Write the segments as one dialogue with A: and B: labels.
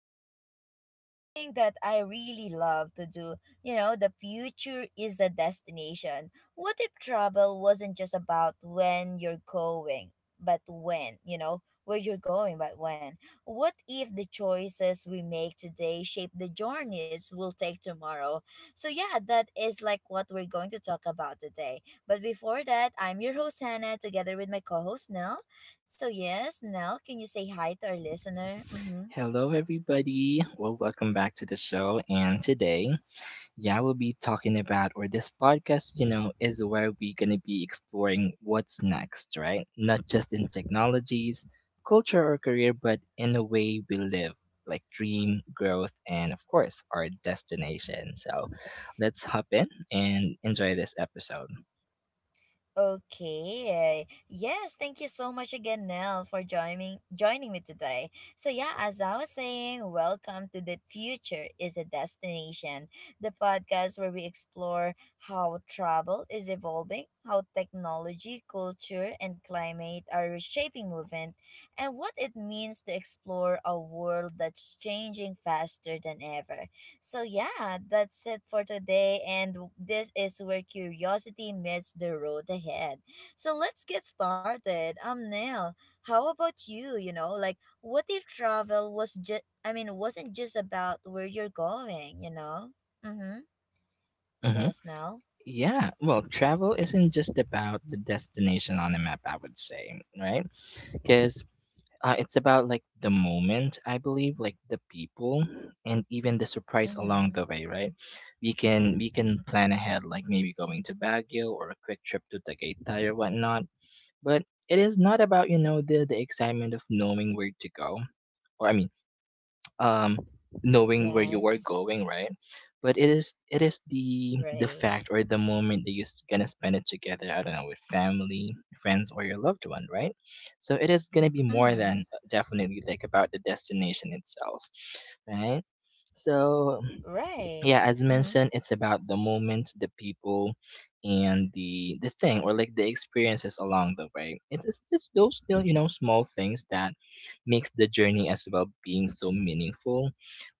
A: about something that I really love to do. You know, the future is a destination. What if travel wasn't just about when you're going, but when, where you're going, but when? What if the choices we make today shape the journeys we'll take tomorrow? That is what we're going to talk about today. But before that, I'm your host, Hannah, together with my co host, Nell. So, yes, Nell, can you say hi to our listener? Mm hmm.
B: Hello, everybody. Well, welcome back to the show. And today, yeah, we'll be talking about, or this podcast, is where we're going to be exploring what's next, right? Not just in technologies, culture, or career, but in the way we live, like dream, growth, and of course, our destination. So let's hop in and enjoy this episode.
A: Okay. Yes, thank you so much again, Nell, for joining me today. As I was saying, welcome to The Future Is a Destination, the podcast where we explore how travel is evolving, how technology, culture, and climate are reshaping movement, and what it means to explore a world that's changing faster than ever. That's it for today and this is where curiosity meets the road ahead. So let's get started. Nail, how about you, you know? Like what if travel wasn't just about where you're going, you know? Mhm.
B: Mm-hmm.
A: Yes, Nell.
B: Yeah, well, travel isn't just about the destination on a map, I would say, right? Because it's about like the moment, I believe, like the people, and even the surprise along the
A: Mhm.
B: way, right? We can plan ahead, like maybe going to Baguio or a quick trip to Tagaytay or whatnot. But it is not about the excitement of knowing where to go, or I mean, um, knowing where you are
A: Yes.
B: going, right? But it is the fact
A: Right.
B: or the moment that you're gonna spend it together. I don't know, with family, friends, or your loved one, right? So it is gonna be more than,
A: Mhm.
B: definitely, like about the destination itself, right? So yeah,
A: Right.
B: as
A: Mhm.
B: mentioned, it's about the moment, the people, and the thing, or like the experiences along the way. It's those little, small things that makes the journey as well being so meaningful.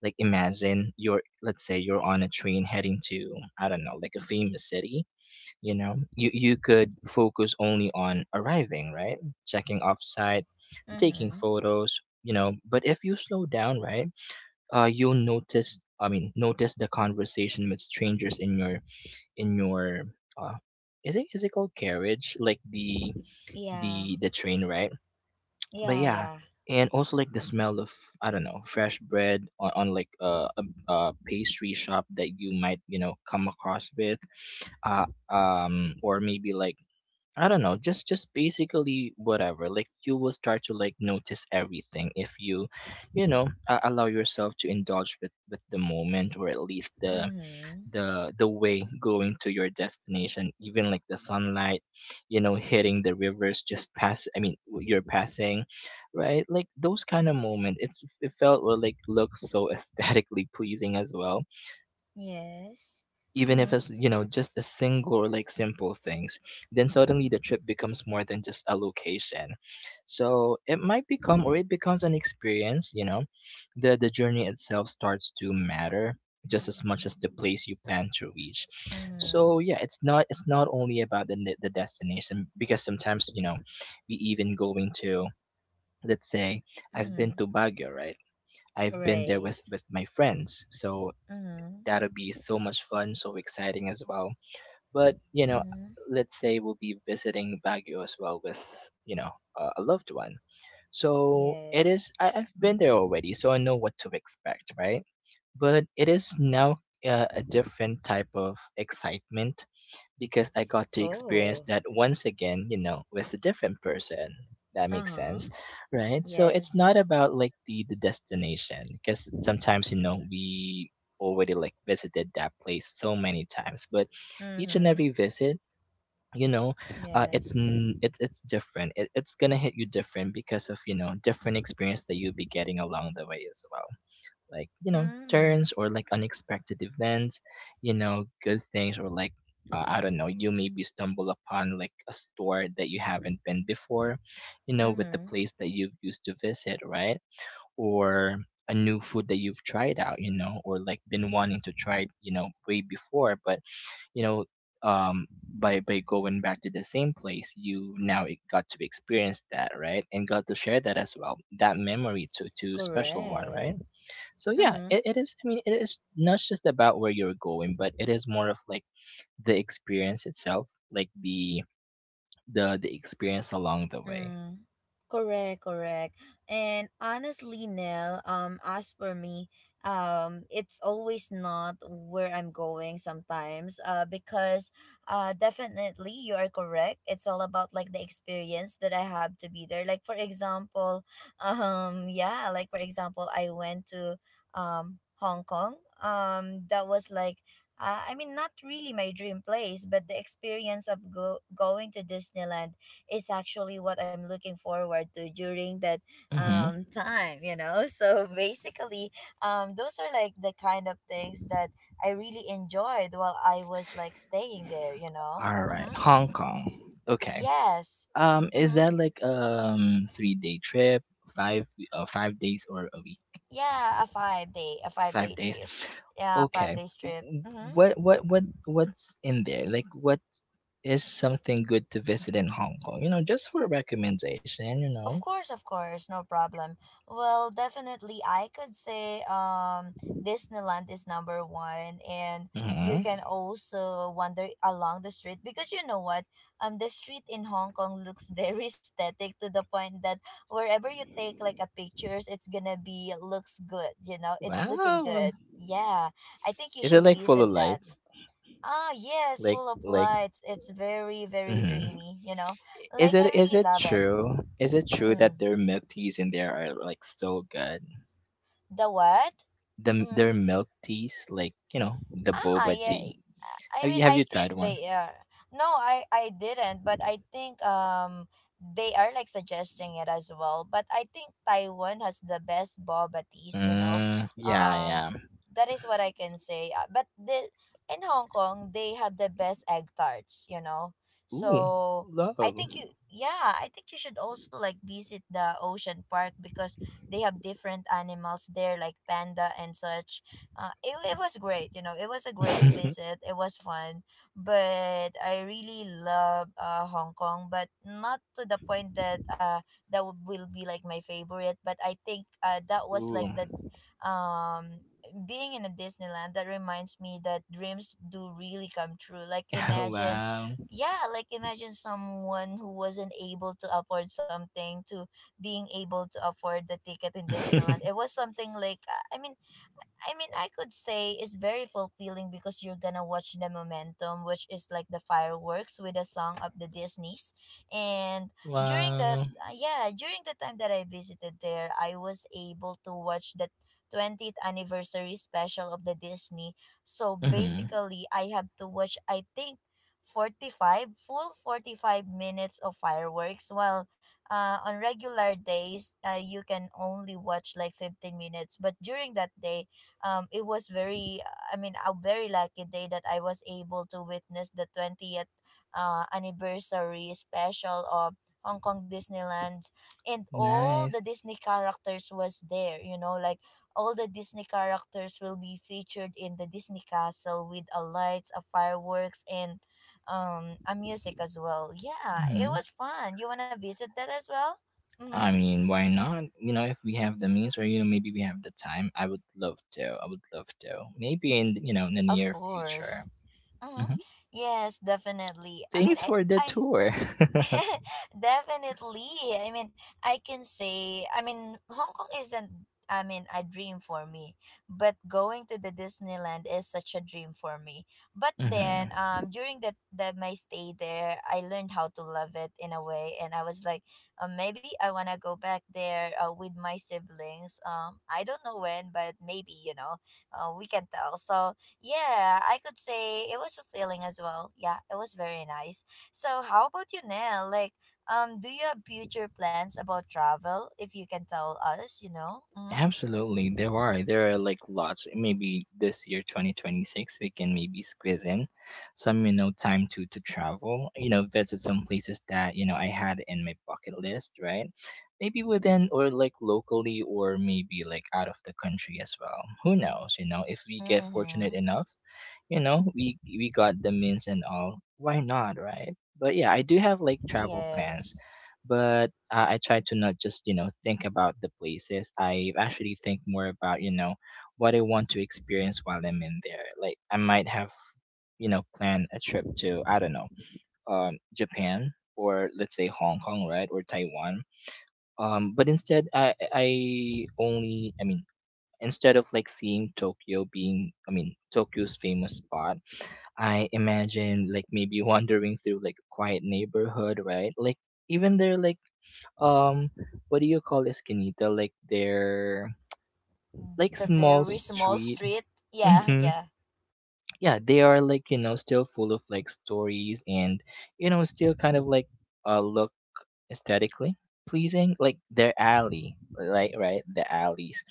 B: Like, imagine you're, let's say you're on a train heading to, I don't know, like a famous city. You know, you could focus only on arriving, right? Checking off site, taking
A: Mhm.
B: photos, you know. But if you slow down, right, you'll notice I mean notice the conversation with strangers in your in your uh, is it called carriage, like the
A: Yeah.
B: train, right? But
A: Yeah,
B: yeah,
A: yeah.
B: and also like the smell of, I don't know, fresh bread on like, a pastry shop that you might, you know, come across with. Or maybe, like, I don't know, just basically whatever. Like, you will start to like notice everything if you allow yourself to indulge with the moment, or at least the
A: Mhm.
B: way going to your destination. Even like the sunlight, hitting the rivers just pass. I mean, you're passing, right? Like, those kind of moments. It felt or like looks so aesthetically pleasing as well,
A: Yes.
B: even if
A: Mhm.
B: it's just a single or like simple things. Then suddenly the trip becomes more than just a location, so it might become, or it becomes, an experience. The journey itself starts to matter just as much as the place you plan to reach.
A: Mhm.
B: So yeah, it's not only about the destination, because sometimes, you know, we, even going to, let's say, I've
A: Mm-hmm.
B: been to Baguio, right? I've been there
A: Right.
B: with my friends, so
A: Mm-hmm.
B: that'll be so much fun, so exciting as well. But,
A: Mm-hmm.
B: let's say we'll be visiting Baguio as well with, you know, a loved one. So it is,
A: Yes.
B: I've been there already, so I know what to expect, right? But it is now, a different type of excitement, because I got to experience
A: Oh.
B: that once again, with a different person. That makes
A: Uh-huh.
B: sense, right? So it's
A: Yes.
B: not about like the destination, because sometimes, you know, we already, like, visited that place so many times. But each and
A: Mm-hmm.
B: every visit, you know, it's
A: Yes.
B: n- it, it's different. It's gonna hit you different, because of, you know, different experience that you'll be getting along the way as well. Like, you know,
A: Mm-hmm.
B: turns, or like unexpected events, you know, good things, or like, I don't know, you maybe stumble upon like a store that you haven't been before, you know, with the
A: Mm-hmm.
B: place that you've used to visit, right? Or, a new food that you've tried out, you know, or like, been wanting to try, you know, way before. But, you know, um by going back to the same place, you now got to experience that, right, and got to share that as well, that memory, to a special one, right?
A: Correct.
B: So yeah,
A: Mm-hmm.
B: it is, I mean, it is not just about where you're going, but it is more of like the experience itself, like the experience along the way.
A: Mm, correct, correct. And honestly, Nell, as for me, it's always not where I'm going sometimes. Because definitely you are correct. It's all about the experience that I have to be there. Like for example, yeah, like for example, I went to Hong Kong. That was like I mean, not really my dream place, but the experience of going to Disneyland is actually what I'm looking forward to during that
B: Mhm.
A: time, you know? So basically, those are the kind of things that I really enjoyed while I was staying there, you know?
B: All right,
A: Mm-hmm.
B: Hong Kong. Okay.
A: Yes.
B: Is
A: Mm-hmm.
B: that like, 3-day trip, 5 5 days, or a week?
A: Yeah, a 5 day, a five
B: 5
A: day
B: days.
A: trip. Yeah, five
B: Okay.
A: days trip. Mm-hmm.
B: What's in there? Like, what is something good to visit in Hong Kong? Just for a recommendation.
A: Of course, no problem. Well, definitely, I could say Disneyland is number one, and you
B: Mhm.
A: can also wander along the street because you know what, the street in Hong Kong looks very static to the point that wherever you take a pictures, it's gonna be looks good. You know, it's looking
B: Wow.
A: good. Yeah, I think
B: Is
A: you
B: it
A: should
B: like full of
A: visit that.
B: lights?
A: Ah, yes,
B: Like
A: full of
B: like
A: lights. It's very, very
B: mhm.
A: dreamy. You know, like I
B: Is
A: really
B: it
A: love it.
B: true? Is it true that
A: Mm.
B: their milk teas in there are like so good?
A: The what?
B: The
A: Mm-hmm.
B: their milk teas, like, you know, the
A: Ah,
B: boba
A: yeah.
B: tea. Have
A: I
B: you
A: think
B: tried one?
A: they are. No, I didn't, but I think they are suggesting it as well. But I think Taiwan has the best boba teas, you know.
B: Mm, yeah,
A: Um,
B: yeah.
A: that is what I can say. But the in Hong Kong, they have the best egg tarts, you know.
B: Ooh,
A: So I
B: love.
A: think you. Yeah, I think you should also visit the ocean park because they have different animals there like panda and such. It was great, you know, it was a great visit, it was fun, but I really love Hong Kong, but not to the point that will be like my favorite. But I think that was like
B: Ooh.
A: the um being in a Disneyland that reminds me that dreams do really come true. Like imagine,
B: Wow.
A: yeah, like imagine someone who wasn't able to afford something to being able to afford the ticket in Disneyland. It was something like, i mean I mean, I could say it's very fulfilling because you're gonna watch the momentum, which is like the fireworks with the song of the Disney's. And during that,
B: Wow.
A: yeah, during the time that I visited there, I was able to watch the 20th anniversary special of the Disney. So
B: Mhm.
A: basically, I have to watch, I think, 45 minutes of fireworks, while on regular days you can only watch like 15 minutes, but during that day it was very, a very lucky day that I was able to witness the 20th anniversary special of Hong Kong Disneyland. And all the
B: Nice.
A: Disney characters was there, you know, like all the Disney characters will be featured in the Disney castle with a lights, a fireworks, and a music as well. Yeah, it
B: Mhm.
A: was fun. You want to visit that as well? Mm-hmm.
B: I mean, why not? You know, if we have the means, or, maybe we have the time. I would love to. I would love to. Maybe, in you know in the
A: Of
B: near
A: course.
B: future.
A: Mm-hmm.
B: Hmm.
A: yes definitely I mean
B: Thanks for the
A: I
B: tour.
A: Definitely. I mean, I mean, Hong Kong isn't, I mean, a dream for me, but going to the Disneyland is such a dream for me. But then,
B: Hmm.
A: during that my stay there, I learned how to love it in a way, and I was like, maybe I wanna go back there with my siblings. I don't know when, but maybe you know, we can tell. So yeah, I could say it was fulfilling as well. Yeah, it was very nice. So how about you, Nell? Like, do you have future plans about travel? If you can tell us, you know. Mm-hmm.
B: Absolutely, there are. There are like lots. Maybe this year, 2026, we can maybe squeeze in some, time to travel, visit some places that, I had in my bucket list, right? Maybe within, or like locally, or maybe like out of the country as well. Who knows, you know? If we get fortunate
A: Mm-hmm.
B: enough, we got the means and all, why not, right? But yeah, I do have like travel plans.
A: Yes.
B: But, I try to not just, think about the places. I actually think more about, what I want to experience while I'm in there. Like, I might have, planned a trip to, I don't know, Japan, or let's say Hong Kong, right, or Taiwan. But instead, I only I mean instead of like seeing Tokyo, being I mean Tokyo's famous spot. I imagine, like, maybe wandering through like a quiet neighborhood, right? Like, even there, like, um what do you call esquinita, like, they're like
A: The
B: small
A: very small
B: street.
A: street. Yeah.
B: Hmm.
A: Yeah.
B: Yeah, they are, like, you know, still full of like stories, and, you know, still kind of like, look aesthetically pleasing, like their alley, like, right, the alleys,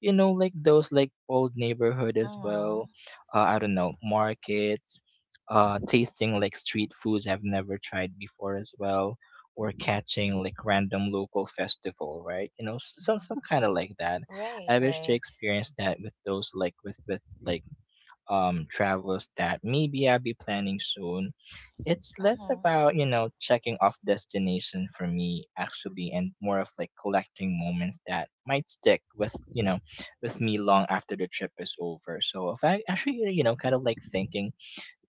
B: you know, like those, like, old neighborhood as
A: Mm-hmm.
B: well. I don't know, markets, tasting like street foods I've never tried before as well. Or catching like random local festival, right? You know, some kind of like that.
A: Right.
B: I wish to
A: Right.
B: experience that with those, like, with like, travels that maybe I'll be planning soon. It's less
A: Mm-hmm.
B: about, checking off destination for me actually, and more of like collecting moments that might stick with, with me long after the trip is over. So if I actually, kind of like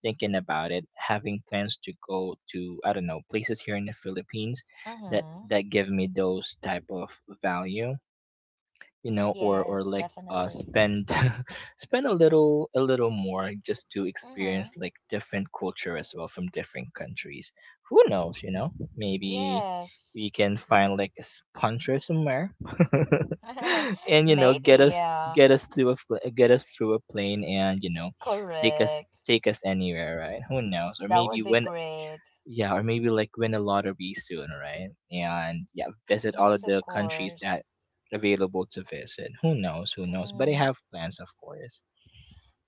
B: thinking about it, having plans to go to, I don't know, places here in the Philippines that
A: Mm-hmm.
B: give me those type of value. You know, or
A: Yes.
B: like,
A: Definitely.
B: spend spend a little more just to
A: Mm-hmm.
B: experience like different culture as well from different countries. Who knows, you know? Maybe
A: Yes.
B: we can find like a sponsor somewhere and, you know,
A: Maybe. Yeah.
B: get us through a fl- get us through a plane, and, you know,
A: Correct.
B: take us anywhere, right? Who knows? Or
A: That
B: maybe
A: would be
B: when,
A: great.
B: yeah, or maybe like win a lottery soon, right? And yeah, visit all
A: Yes.
B: of
A: Of
B: the countries
A: course.
B: that available to visit. Who knows? Who knows? But I
A: Mm-hmm.
B: have plans, of course.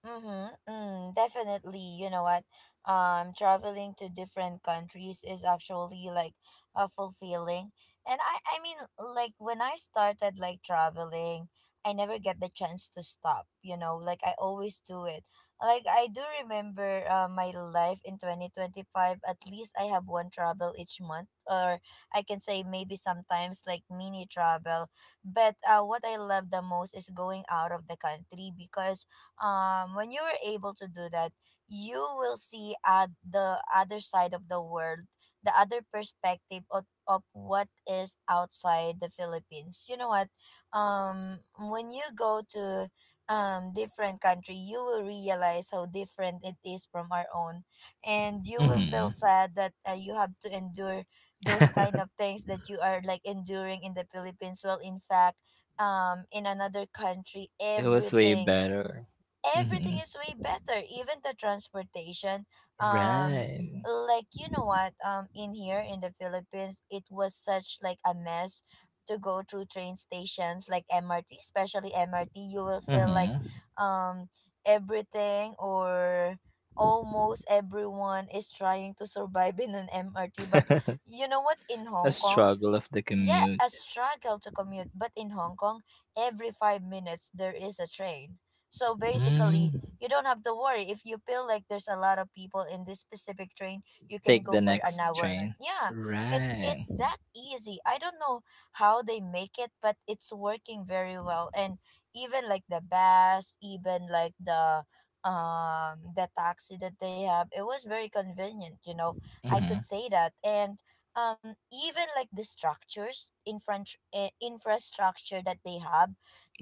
A: Mm-hmm, mm, definitely. You know what? Traveling to different countries is actually like fulfilling. I mean, like when I started like traveling, I never get the chance to stop. You know, like I always do it. Like I do remember my life in 2025, at least I have one travel each month, or I can say maybe sometimes like mini travel. But what I love the most is going out of the country, because when you were able to do that, you will see at the other side of the world, the other perspective of what is outside the Philippines. You know what, when you go to different country, you will realize how different it is from our own, and you will feel
B: Hmm.
A: sad that you have to endure those kind of things that you are like enduring in the Philippines. Well, in fact, in another country,
B: It was way better.
A: everything
B: Hmm.
A: is way better, even the transportation. um
B: Right.
A: like, you know what, in here in the Philippines, it was such like a mess to go through train stations like MRT, especially MRT, you will feel like
B: Hmm.
A: um everything or almost everyone is trying to survive in an MRT. But you know what, in
B: A
A: Hong Kong,
B: struggle of the
A: yeah, a
B: commute.
A: struggle to commute, but in Hong Kong, every 5 minutes there is a train. So basically,
B: Mm.
A: you don't have to worry. If you feel like there's a lot of people in this specific train, you can
B: Take
A: go
B: the
A: for an
B: next
A: hour, and
B: train.
A: yeah,
B: Right.
A: it's that easy. I don't know how they make it, but it's working very well. And even like the bus, even like the taxi that they have, it was very convenient, you know. I could
B: Hmm.
A: say that. And even like the structures infrastructure that they have,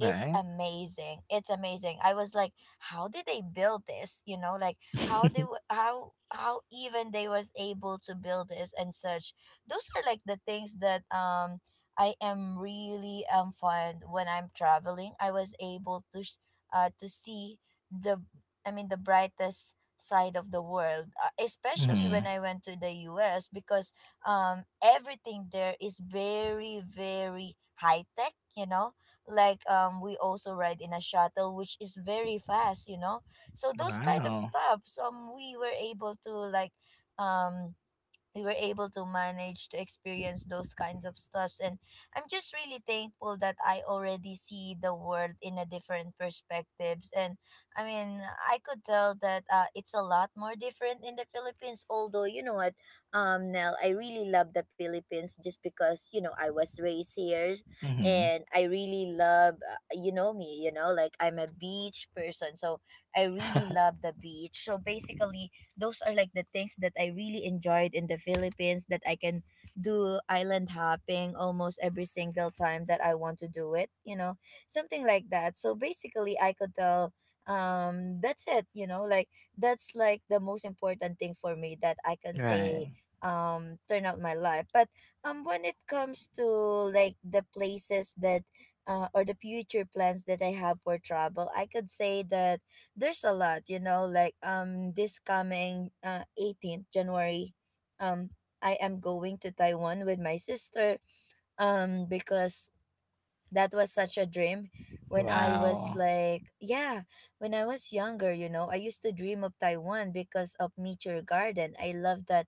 A: it's amazing. It's amazing. I was like, how did they build this, you know, like how even they was able to build this and such. Those are like the things that I am really fond when I'm traveling. I was able to to see the the brightest side of the world, especially when
B: Hmm.
A: I went to the US, because everything there is very very high tech, you know, like we also ride in a shuttle which is very fast, you know. So those kind of
B: Wow.
A: stuff. So we were able to um we were able to manage to experience those kinds of stuffs. And I'm just really thankful that I already see the world in a different perspectives. And i mean I could tell that it's a lot more different in the Philippines. Although you know what, Nell, I really love the Philippines, just because you know I was raised here,
B: Hmm.
A: and I really love you know me, you know like I'm a beach person, so I really love the beach. So basically, those are like the things that I really enjoyed in the Philippines, that I can do island hopping almost every single time that I want to do it, you know, something like that. So basically, I could tell, that's it, you know, like that's like the most important thing for me that I can say,
B: Right.
A: turn out my life. But when it comes to like the places that, or the future plans that I have for travel, I could say that there's a lot, you know, like this coming 18th January, um I am going to Taiwan with my sister, because that was such a dream. When I was
B: Wow.
A: like, yeah, when I was younger, you know, I used to dream of Taiwan because of Meteor Garden. I love that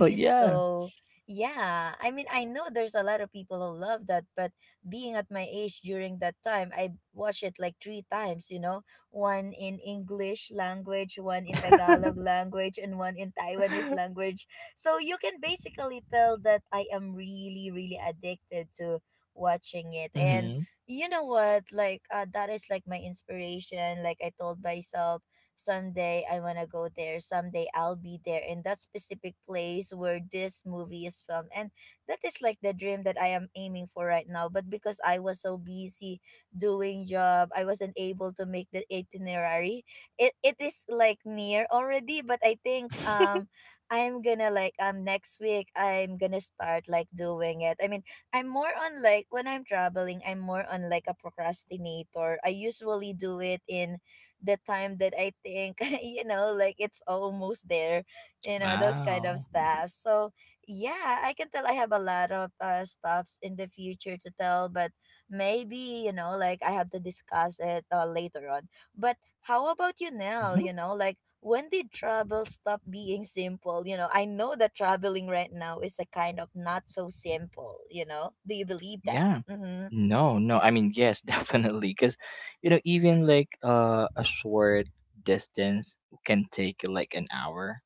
B: Oh yeah.
A: So, yeah, I mean, I know there's a lot of people who love that, but being at my age during that time, I watched it like three times, you know, one in English language, one in Tagalog language, and one in Taiwanese language. So, you can basically tell that I am really, really addicted to watching it. And
B: Hmm.
A: you know what? Like that is like my inspiration. Like I told myself, someday I wanna go there. Someday I'll be there in that specific place where this movie is filmed. And that is like the dream that I am aiming for right now. But because I was so busy doing job, I wasn't able to make the itinerary. It is like near already, but I think, I'm gonna like, next week I'm gonna start like doing it. I mean, I'm more on like when I'm traveling, I'm more on like a procrastinator. I usually do it in the time that I think, you know, like it's almost there, you know, those kind of
B: Wow.
A: stuff. So, yeah, I can tell I have a lot of stops in the future to tell, but maybe, you know, like I have to discuss it later on. But how about you, Nell? You
B: Hmm.
A: know, like when did travel stop being simple? You know, I know that traveling right now is a kind of not so simple, you know? Do you believe that?
B: Yeah.
A: Mm-hmm.
B: No, no. I mean, yes, definitely. Because, even like, a short distance can take like an hour.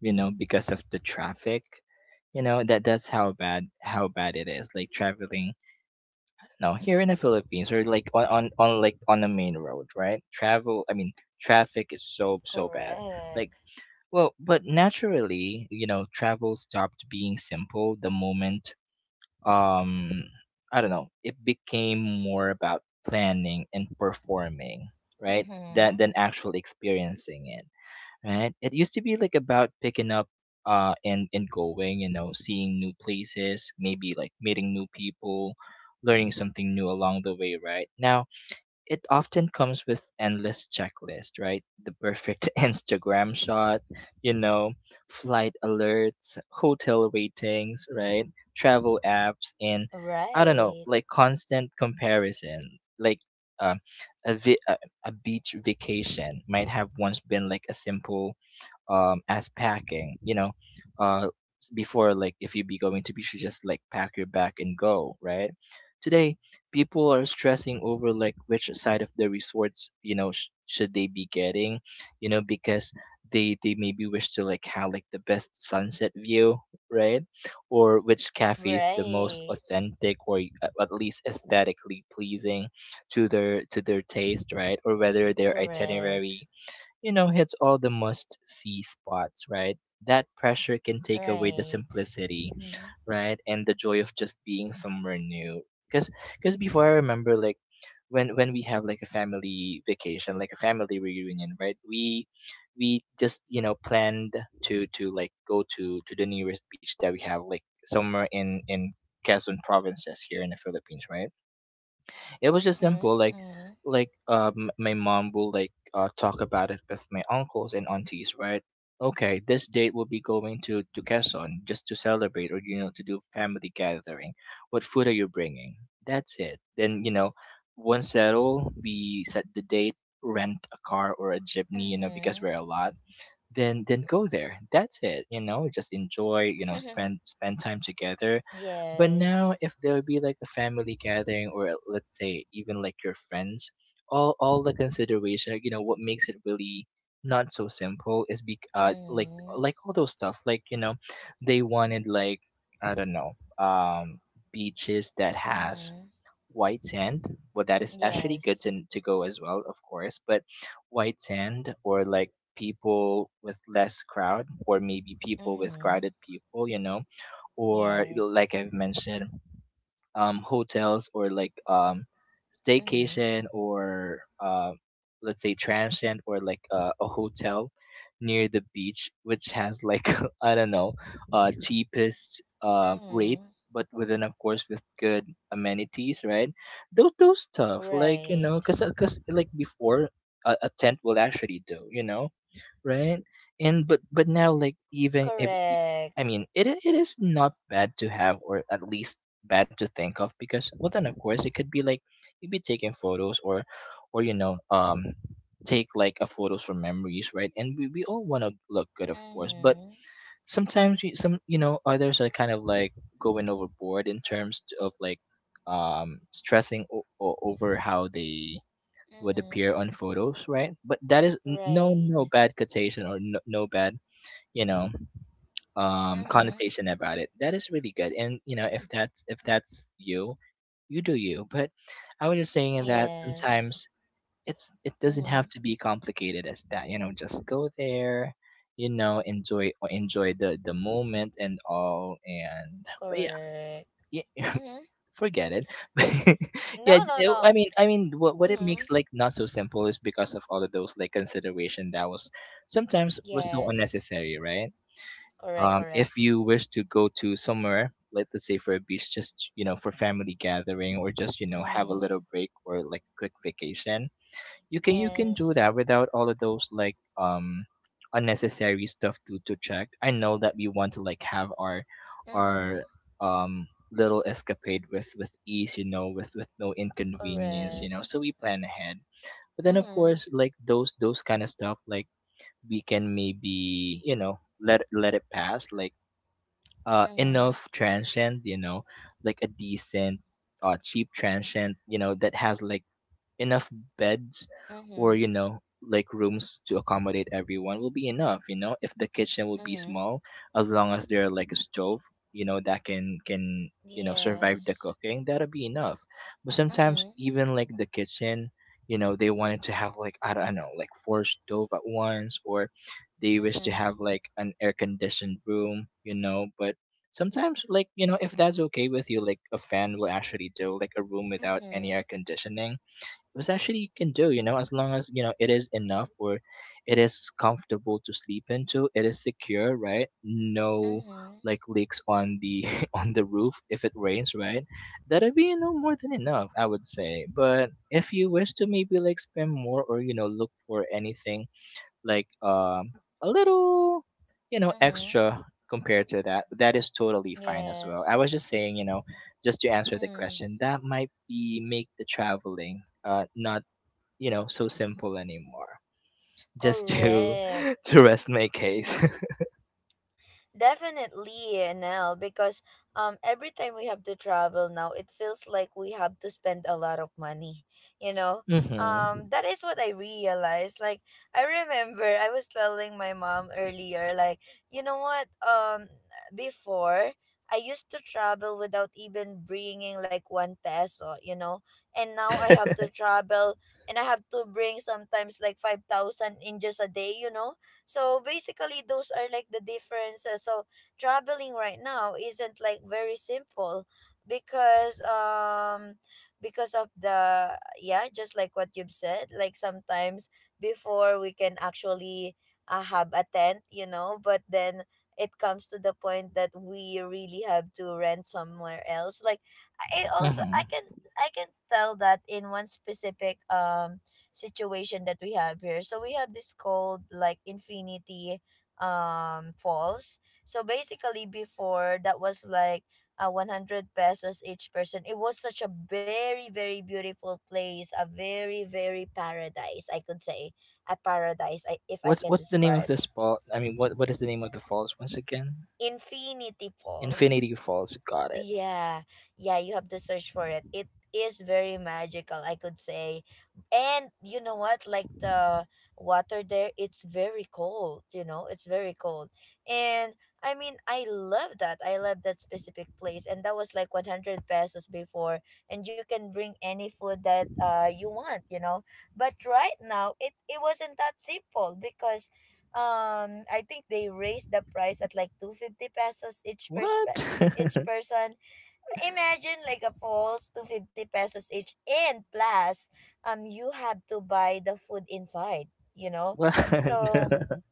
B: You know, because of the traffic. You know that that's how bad it is. Like, traveling. No, here in the Philippines, or like on like on the main road, right? Travel. I mean, traffic is so bad. Like,
A: Correct.
B: Well, but naturally, you know, travel stopped being simple the moment, um I don't know, it became more about planning and performing, right? Than
A: Mm-hmm.
B: actual experiencing it, right? It used to be like about picking up, and going, you know, seeing new places, maybe like meeting new people, learning something new along the way, right? Now it often comes with endless checklist, right? The perfect Instagram shot, you know, flight alerts, hotel ratings, right? Travel apps, and I don't know,
A: Right.
B: like constant comparison. Like um, a, vi- a beach vacation might have once been like a simple as packing uh before, like, if you be going to beach, you just like pack your bag and go, right? Today, people are stressing over, like, which side of the resorts, should they be getting, because they maybe wish to, like, have like the best sunset view, right? Or which cafe is the most
A: Right.
B: authentic, or at least aesthetically pleasing to their taste, right? Or whether their
A: Correct.
B: itinerary, hits all the must see spots, right? That pressure can take away the
A: Right.
B: simplicity,
A: Mm-hmm.
B: right? And the joy of just being somewhere new. Because because before, I remember, like, when we have like a family vacation, like a family reunion, right? We just planned to like go to the nearest beach that we have, like somewhere in Quezon provinces here in the Philippines, right? It was just simple, like
A: Mm-hmm.
B: like my mom will like talk about it with my uncles and aunties, right? Okay, this date will be going to Quezon just to celebrate, or to do family gathering. What food are you bringing? That's it. Then, once settled, we set the date, rent a car or a jeepney, because
A: Mm-hmm.
B: we're a lot. Then go there, that's it, just enjoy, spend time together. But now,
A: Yes.
B: if there would be like a family gathering or let's say, even like your friends, all the consideration, what makes it really not so simple is be like,
A: Mm-hmm.
B: all those stuff like, they wanted, like, I don't know, um beaches that has
A: Mm-hmm.
B: white sand. Well, that is actually good
A: Yes.
B: to, go as well, of course. But white sand, or like people with less crowd, or maybe people with
A: Mm-hmm.
B: crowded people, or like
A: Yes.
B: I've mentioned, hotels or like,
A: Mm-hmm.
B: staycation, or let's say, transient, or like a hotel near the beach, which has like I don't know, cheapest rate,
A: Mm-hmm.
B: but within, of course, with good amenities, right? Those stuff, like,
A: Right.
B: cause cause like before a, tent will actually do, right? And but now, like, even if
A: Correct.
B: I mean, it it is not bad to have, or at least bad to think of, because well, then of course it could be like you'd be taking photos, or or you know um take like a photos from memories, right? And we all want to look good, of course, but
A: Mm-hmm.
B: sometimes you some you know others are kind of like going overboard in terms of like stressing over how they would
A: Mm-hmm.
B: appear on photos, right? But that is no
A: Right.
B: bad quotation, or no, no bad you know
A: Mm-hmm.
B: connotation about it. That is really good, and if that's you, you do you. But I was just saying that
A: Yes.
B: sometimes it doesn't
A: Mm-hmm.
B: have to be complicated as that. Just go there, enjoy, enjoy the moment and all. And but, yeah,
A: Correct.
B: yeah,
A: Mm-hmm.
B: forget it. Yeah,
A: No, no,
B: I
A: no.
B: mean, I mean, what it
A: Mm-hmm.
B: makes like not so simple is because of all of those like consideration that was, sometimes was so
A: Yes.
B: unnecessary, right?
A: Correct, correct.
B: If you wish to go to somewhere, like, let's say for a beach, just for family gathering, or just have a
A: Mm-hmm.
B: little break, or like quick vacation, you can do
A: Yes.
B: that without all of those like unnecessary stuff to check. I know that we want to like have our
A: Mm-hmm.
B: our um little escapade with ease, with no inconvenience,
A: Correct.
B: so we plan ahead. But then of
A: Mm-hmm.
B: course, like those kind of stuff like, we can maybe, let it pass, like
A: Mm-hmm.
B: enough transient, like a decent cheap transient, that has like enough beds, or
A: Mm-hmm.
B: like rooms to accommodate everyone will be enough, if the kitchen will be
A: Mm-hmm.
B: small, as long as there like a stove, that can, survive the
A: Yes.
B: cooking, that'll be enough. But sometimes
A: Mm-hmm.
B: even like the kitchen, they wanted to have like, I don't know, like four stove at once, or they wish to
A: Mm-hmm.
B: have like an air conditioned room, but sometimes, like, if that's okay with you, like a fan will actually do, like a room without
A: Mm-hmm.
B: any air conditioning was actually you can do, as long as it is enough, or it is comfortable to sleep into, it is secure, right? No
A: Mm-hmm.
B: like leaks on the on the roof if it rains, right? That'd be, more than enough, I would say. But if you wish to maybe like spend more, or look for anything like a little
A: Mm-hmm.
B: extra compared to that, that is totally fine as well. I
A: Yes.
B: was just saying, just to answer the
A: Mm.
B: question, that might be make the traveling not, so simple anymore, just to
A: Correct.
B: to rest my case.
A: Hmm. Definitely, Nell, because every time we have to travel now, it feels like we have to spend a lot of money. You know,
B: Mm-hmm.
A: that is what I realized. Like I remember I was telling my mom earlier, like, you know what, before, I used to travel without even bringing like 1 peso, you know, and now I have to travel and I have to bring sometimes like 5,000 in just a day, you know, so basically, those are like the differences. So traveling right now isn't like very simple because um because of the, yeah, just like what you've said, like sometimes before we can actually have a tent, you know, but then it comes to the point that we really have to rent somewhere else, like I also,
B: Mm-hmm.
A: i can i can tell that in one specific situation that we have here. So we have this called like Infinity Falls. So basically before that was like 100 pesos each person. It was such a very, very beautiful place, a very, very paradise, I could say, a paradise, I, if I
B: What's
A: can
B: what's the name of
A: describe.
B: this ball? I mean, what is the name of the falls once again?
A: Infinity Falls.
B: Infinity Falls. Got it.
A: Yeah, yeah, you have to search for it. It is very magical, I could say. And you know what? Like the water there, it's very cold, it's very cold. And I mean, I love that. I love that specific place. And that was like 100 pesos before. And you can bring any food that you want, you know. But right now, it wasn't that simple because I think they raised the price at like 250 pesos each per
B: What?
A: each person. Imagine like a falls to 50 pesos each, and plus you have to buy the food inside, you know?
B: What?
A: So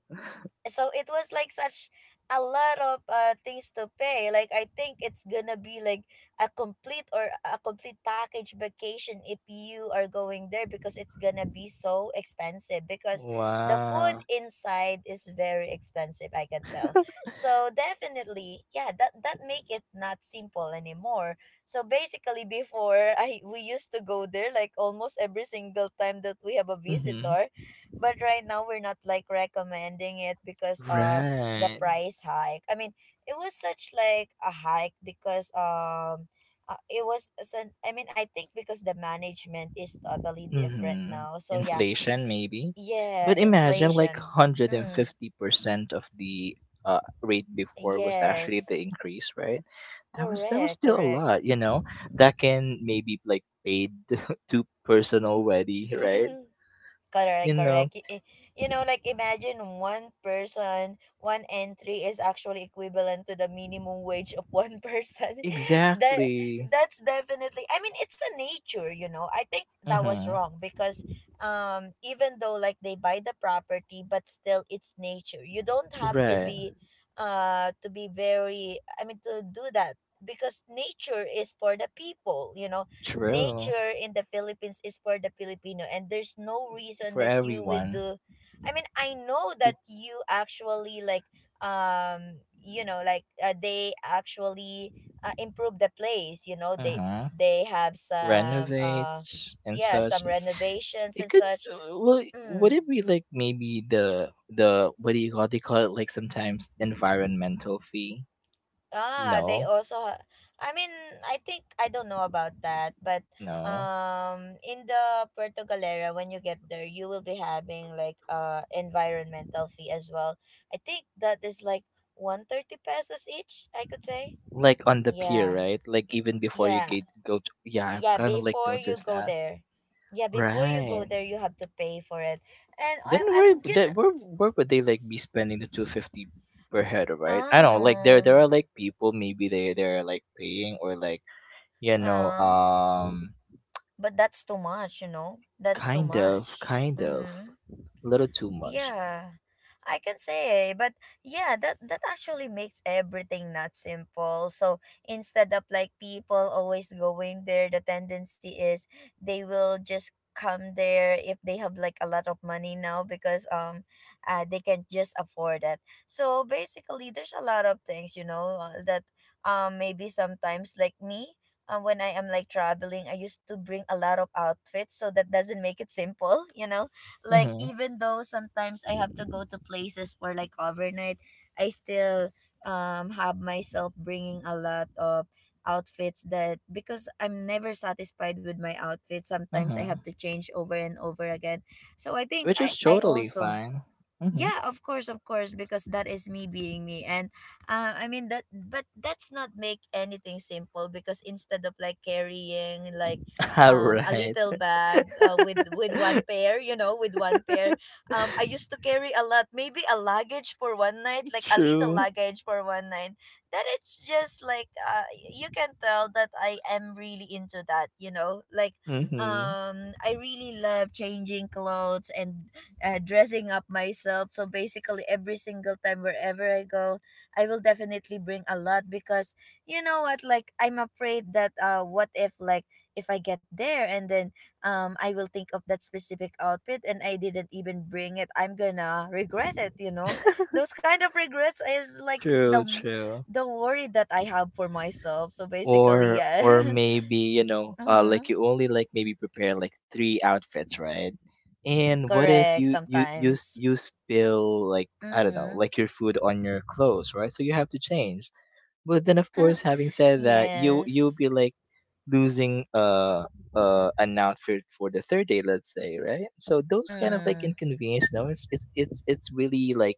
A: so it was like such a lot of things to pay. Like I think it's gonna be like a complete or a complete package vacation if you are going there because it's gonna be so expensive because the food
B: Wow.
A: inside is very expensive, I can tell. So definitely, yeah, that make it not simple anymore. So basically before, I we used to go there like almost every single time that we have a
B: Mm-hmm.
A: visitor, but right now we're not like recommending it because of the
B: Right.
A: price hike. I mean, it was such like a hike because I mean, I think because the management is totally different
B: Mm-hmm.
A: now. So yeah.
B: Inflation, maybe.
A: Yeah,
B: But imagine like
A: inflation. Mm,
B: 150% of the rate before was actually the
A: yes.
B: increase, right? That was
A: Correct,
B: still a
A: correct.
B: lot. That can maybe like paid to person already, right? You
A: Correct,
B: know
A: correct. You know, like imagine one person, one entry is actually equivalent to the minimum wage of one person. That
B: exactly.
A: that's definitely. I mean, it's a nature. You know, I think that was
B: Mm-hmm.
A: wrong because, even though like they buy the property, but still it's nature. You don't have to
B: Right.
A: be, uh, to be very. I mean, to do that because nature is for the people. You know,
B: True.
A: nature in the Philippines is for the Filipino, and there's no reason
B: For
A: that you would
B: everyone
A: do, I mean, I know
B: to,
A: that you actually like you know, like, they actually improve the place. You know, they
B: uh-huh,
A: they have some
B: renovate and
A: yeah, some
B: such.
A: renovations and
B: It could,
A: such.
B: well, would
A: Mm.
B: it be like maybe the, what do you call, they call it, like sometimes, environmental fee?
A: Ah,
B: No,
A: I mean, I think I don't know about that, but
B: no.
A: in the Puerto Galera when you get there, you will be having like environmental fee as well. I think that is like 130 pesos each, I could say.
B: Like on the pier,
A: Yeah.
B: right? Like even before you
A: Yeah.
B: get go to, yeah, I've
A: Yeah,
B: kind of like
A: before you
B: noticed
A: go
B: that.
A: there. Yeah, before you go
B: Right.
A: there, you have to pay for it. And
B: Then
A: I
B: where
A: I'm you know,
B: that where would they like be spending the 250 per head, right? I don't know, like there
A: um,
B: there are like people, maybe they're like paying, or like you know
A: uh,
B: um
A: but that's too much, you know. That's too
B: kind of,
A: much. Mhm.
B: a little too much.
A: Yeah, I can say, eh, but yeah, that actually makes everything not simple. So instead of like people always going there, the tendency is they will just come there if they have like a lot of money now because they can just afford it. So basically, there's a lot of things, you know, that maybe sometimes like me. When I am like traveling, I used to bring a lot of outfits, so that doesn't make it simple, you know, like
B: Mm-hmm,
A: even though sometimes I have to go to places for like overnight, I still have myself bringing a lot of outfits that because I'm never satisfied with my outfit, sometimes I
B: mm-hmm.
A: have to change over and over again. So I think
B: Which
A: I
B: is
A: I
B: totally
A: also,
B: fine. Mm-hmm.
A: yeah, of course, of course, because that is me being me. And I mean that, but that's not make anything simple because instead of like carrying like
B: All
A: a
B: right.
A: little bag, with one pair, you know, with one pair, I used to carry a lot, maybe a luggage for one night, like a little
B: True.
A: luggage for one night, that it's just like you can tell that I am really into that, you know, like
B: Mm-hmm.
A: I really love changing clothes and dressing up myself. So basically, every single time wherever I go, I will definitely bring a lot because you know what? Like I'm afraid that what if like if I get there and then I will think of that specific outfit and I didn't even bring it, I'm gonna regret it. You know, those kind of regrets is like the
B: True,
A: m-
B: true.
A: the worry that I have for myself. So basically,
B: Or
A: yeah.
B: maybe,
A: Mm-hmm.
B: like, you only, like, maybe prepare like three outfits, right? And what if
A: Correct.
B: you you you s-
A: Sometimes.
B: you spill, like, I don't know,
A: Mm-hmm.
B: like, your food on your clothes, right, so you have to change. But then of course, having said that, you'll
A: Yes.
B: be like losing an outfit for the third day, let's say, right? So those kind of like
A: Mm.
B: inconvenience, no, it's really like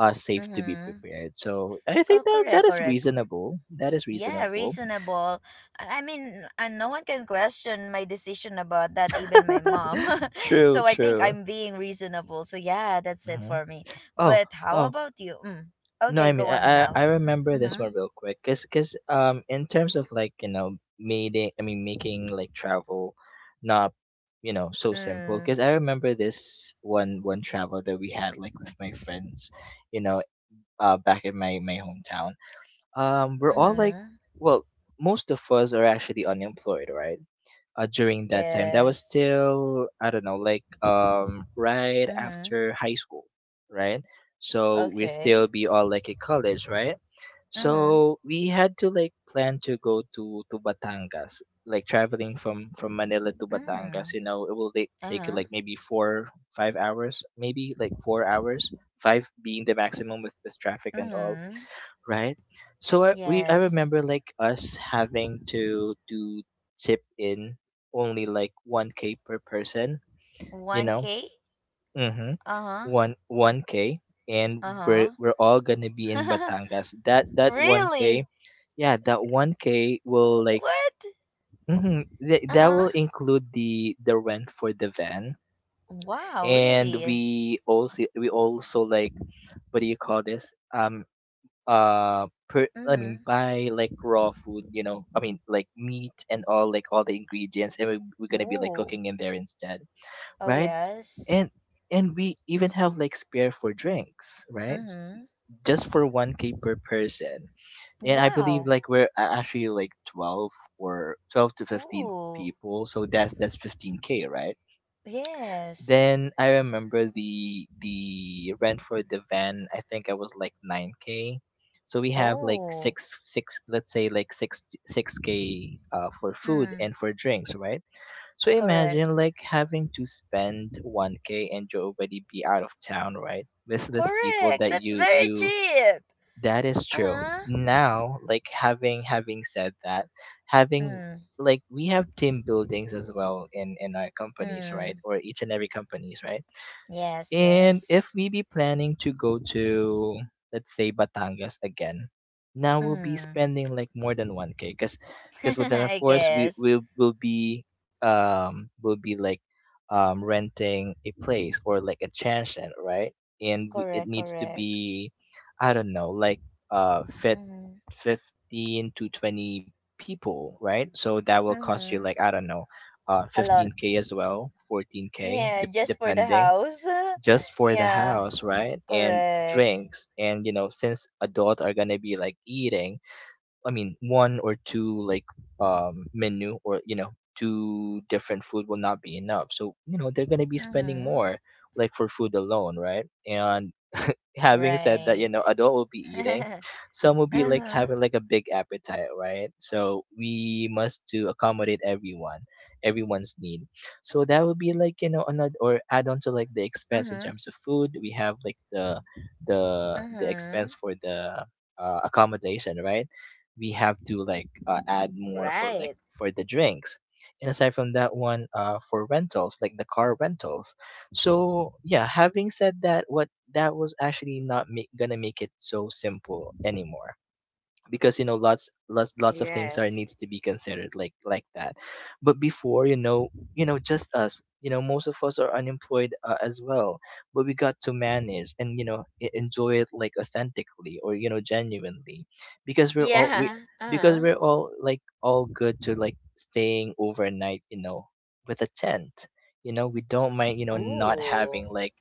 B: safe to be
A: Mhm.
B: prepared, so I think
A: Co-
B: that
A: correct,
B: that is
A: correct.
B: reasonable, that is
A: Yeah,
B: reasonable.
A: reasonable. I mean, and no one can question my decision about that, even my mom.
B: True,
A: So I think
B: true.
A: I'm being reasonable. So yeah, that's it
B: Hmm.
A: for me.
B: Oh,
A: But how
B: oh
A: about you? Mm.
B: no,
A: Okay,
B: I mean,
A: go on
B: I I
A: now.
B: I remember this
A: Mhm.
B: one real quick. Cause, in terms of like, making I mean making like travel not, so simple.
A: Mm.
B: Cause I remember this one travel that we had like with my friends, you know, back in my hometown. We're all like,
A: Mhm.
B: well, most of us are actually unemployed, right? During that time. That was
A: Yes.
B: still, I don't know, like right
A: Mhm.
B: after high school, right? So we still
A: Okay.
B: be all like in college, right?
A: Mhm.
B: So we had to like plan to go to Batangas, like traveling from Manila to
A: Mm.
B: Batangas. It will take
A: Uh
B: take
A: huh.
B: you like maybe 4-5 hours, maybe like 4 hours, five being the maximum with traffic and all,
A: Mhm.
B: right? So I
A: Yes.
B: remember like us having to chip in only like 1K per person, you know,
A: 1K?
B: mm-hmm.
A: Uh huh.
B: One k, and we're
A: Uh
B: we're all gonna be in
A: huh.
B: Batangas. That that one
A: Really?
B: k, yeah, that 1K will like,
A: What?
B: mm-hmm, that
A: Uh-huh.
B: will include the rent for the van,
A: Wow,
B: and
A: really?
B: we also like, what do you call this? Per, I mean,
A: Mm-hmm.
B: buy like raw food, I mean, like meat and all, like all the ingredients, and we're gonna be like
A: Ooh.
B: cooking in there instead,
A: Oh,
B: right.
A: yes.
B: And we even have like spare for drinks, right?
A: Mm-hmm.
B: Just for 1k per person. And I believe
A: Wow.
B: like we're actually like 12, or 12 to 15
A: Ooh.
B: people, so that's 15k, right?
A: Yes.
B: Then I remember the rent for the van. I think I was like 9k. So we have like
A: Oh.
B: six six, let's say like six k for food
A: Mm.
B: and for drinks, right? So
A: Correct.
B: imagine like having to spend 1K and you already be out of town, right? With people
A: Correct.
B: that
A: That's
B: you
A: very
B: you
A: cheap.
B: that is true.
A: Uh-huh.
B: Now, like having said that, having
A: Mm.
B: like we have team buildings as well in our companies, right?
A: Mm.
B: Or each and every companies, right?
A: Yes,
B: And
A: yes.
B: if we be planning to go to, let's say, Batangas again, now we'll be
A: Mm.
B: spending like more than 1K because then of
A: I
B: course we
A: guess.
B: will be will be like renting a place or like a transient, right? And we, it
A: Correct,
B: needs to
A: correct.
B: be I don't know, like fit
A: Mm-hmm.
B: 15 to 20 people, right? So that will cost you like
A: Mm-hmm.
B: I don't know,
A: A lot.
B: 15K as well, 14K
A: Yeah, just for the
B: depending
A: house.
B: just for the
A: Yeah.
B: house, right? And
A: Correct.
B: drinks. And you know, since adult are gonna be like eating, I mean, one or two like menu or you know, two different food will not be enough. So you know, they're gonna be spending
A: Mm-hmm.
B: more like for food alone, right? And having said that, you
A: Right.
B: know, adult will be eating.
A: Uh-huh.
B: Some will be like having like a big appetite, right? So we must to accommodate everyone, everyone's need. So that would be like, you know, another or add on to like the expense in
A: Mm-hmm.
B: terms of food. We have like the
A: Mm-hmm.
B: expense for the accommodation, right? We have to like add more for like
A: Right.
B: for the drinks. And aside from that one, for rentals, like the car rentals. So yeah, having said that, what that was actually not make, gonna make it so simple anymore because you know lots of things are
A: Yes.
B: needs to be considered like that but before, you know, you know just us, you know, most of us are unemployed as well but we got to manage and you know enjoy it like authentically or you know genuinely because we're all we
A: Yeah.
B: because
A: Uh-huh.
B: we're all like all good to like staying overnight, you know, with a tent. You know, we don't mind you know not
A: Ooh.
B: having like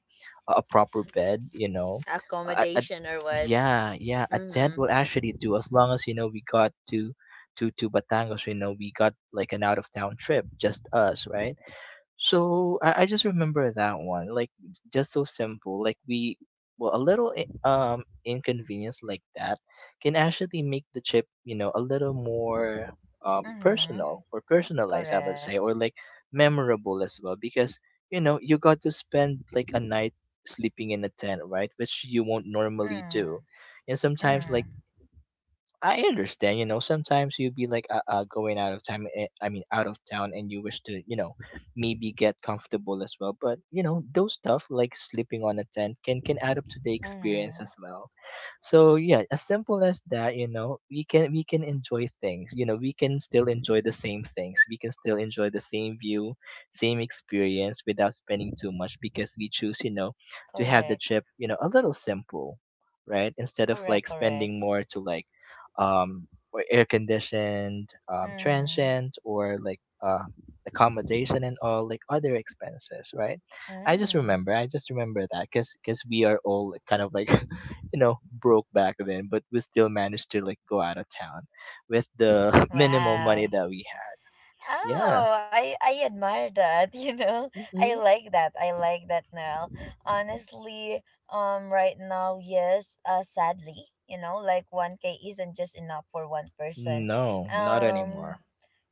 B: a proper bed, you know. A, a,
A: Accommodation or what?
B: yeah, yeah, a tent
A: Mm-hmm.
B: will actually do as long as you know we got to to Batangas, you know, we got like an out of town trip, just us, right? So I just remember that one, like it's just so simple. Like we, well, a little inconvenience like that can actually make the trip, you know, a little more
A: Mm-hmm.
B: personal or personalized, I would
A: Correct.
B: say, or like memorable as well, because you know you got to spend like a night sleeping in a tent, right? Which you won't normally do,
A: Mm.
B: and sometimes
A: Mm-hmm.
B: like I understand, you know, sometimes you be like going out of time, eh, I mean, out of town, and you wish to, you know, maybe get comfortable as well. But, you know, those stuff like sleeping on a tent can add up to the experience
A: Mm-hmm.
B: as well. So, yeah, as simple as that, you know, we can enjoy things, you know, we can still enjoy the same things. We can still enjoy the same view, same experience without spending too much because we choose, you know, to have the
A: Correct.
B: trip, you know, a little simple, right? Instead of like
A: Correct. Correct.
B: spending more to like or air conditioned
A: Mm.
B: transient or like accommodation and all like other expenses, right.
A: Mm.
B: I just remember that because we are all like, kind of like you know broke back then but we still managed to like go out of town with the minimal money
A: Wow.
B: that we had. Yeah.
A: Oh, I admire that, you know. I
B: Hmm.
A: like that. I like that now. Honestly, right now, yes, sadly, you know, like 1K isn't just enough for one person.
B: No, not
A: Um
B: anymore.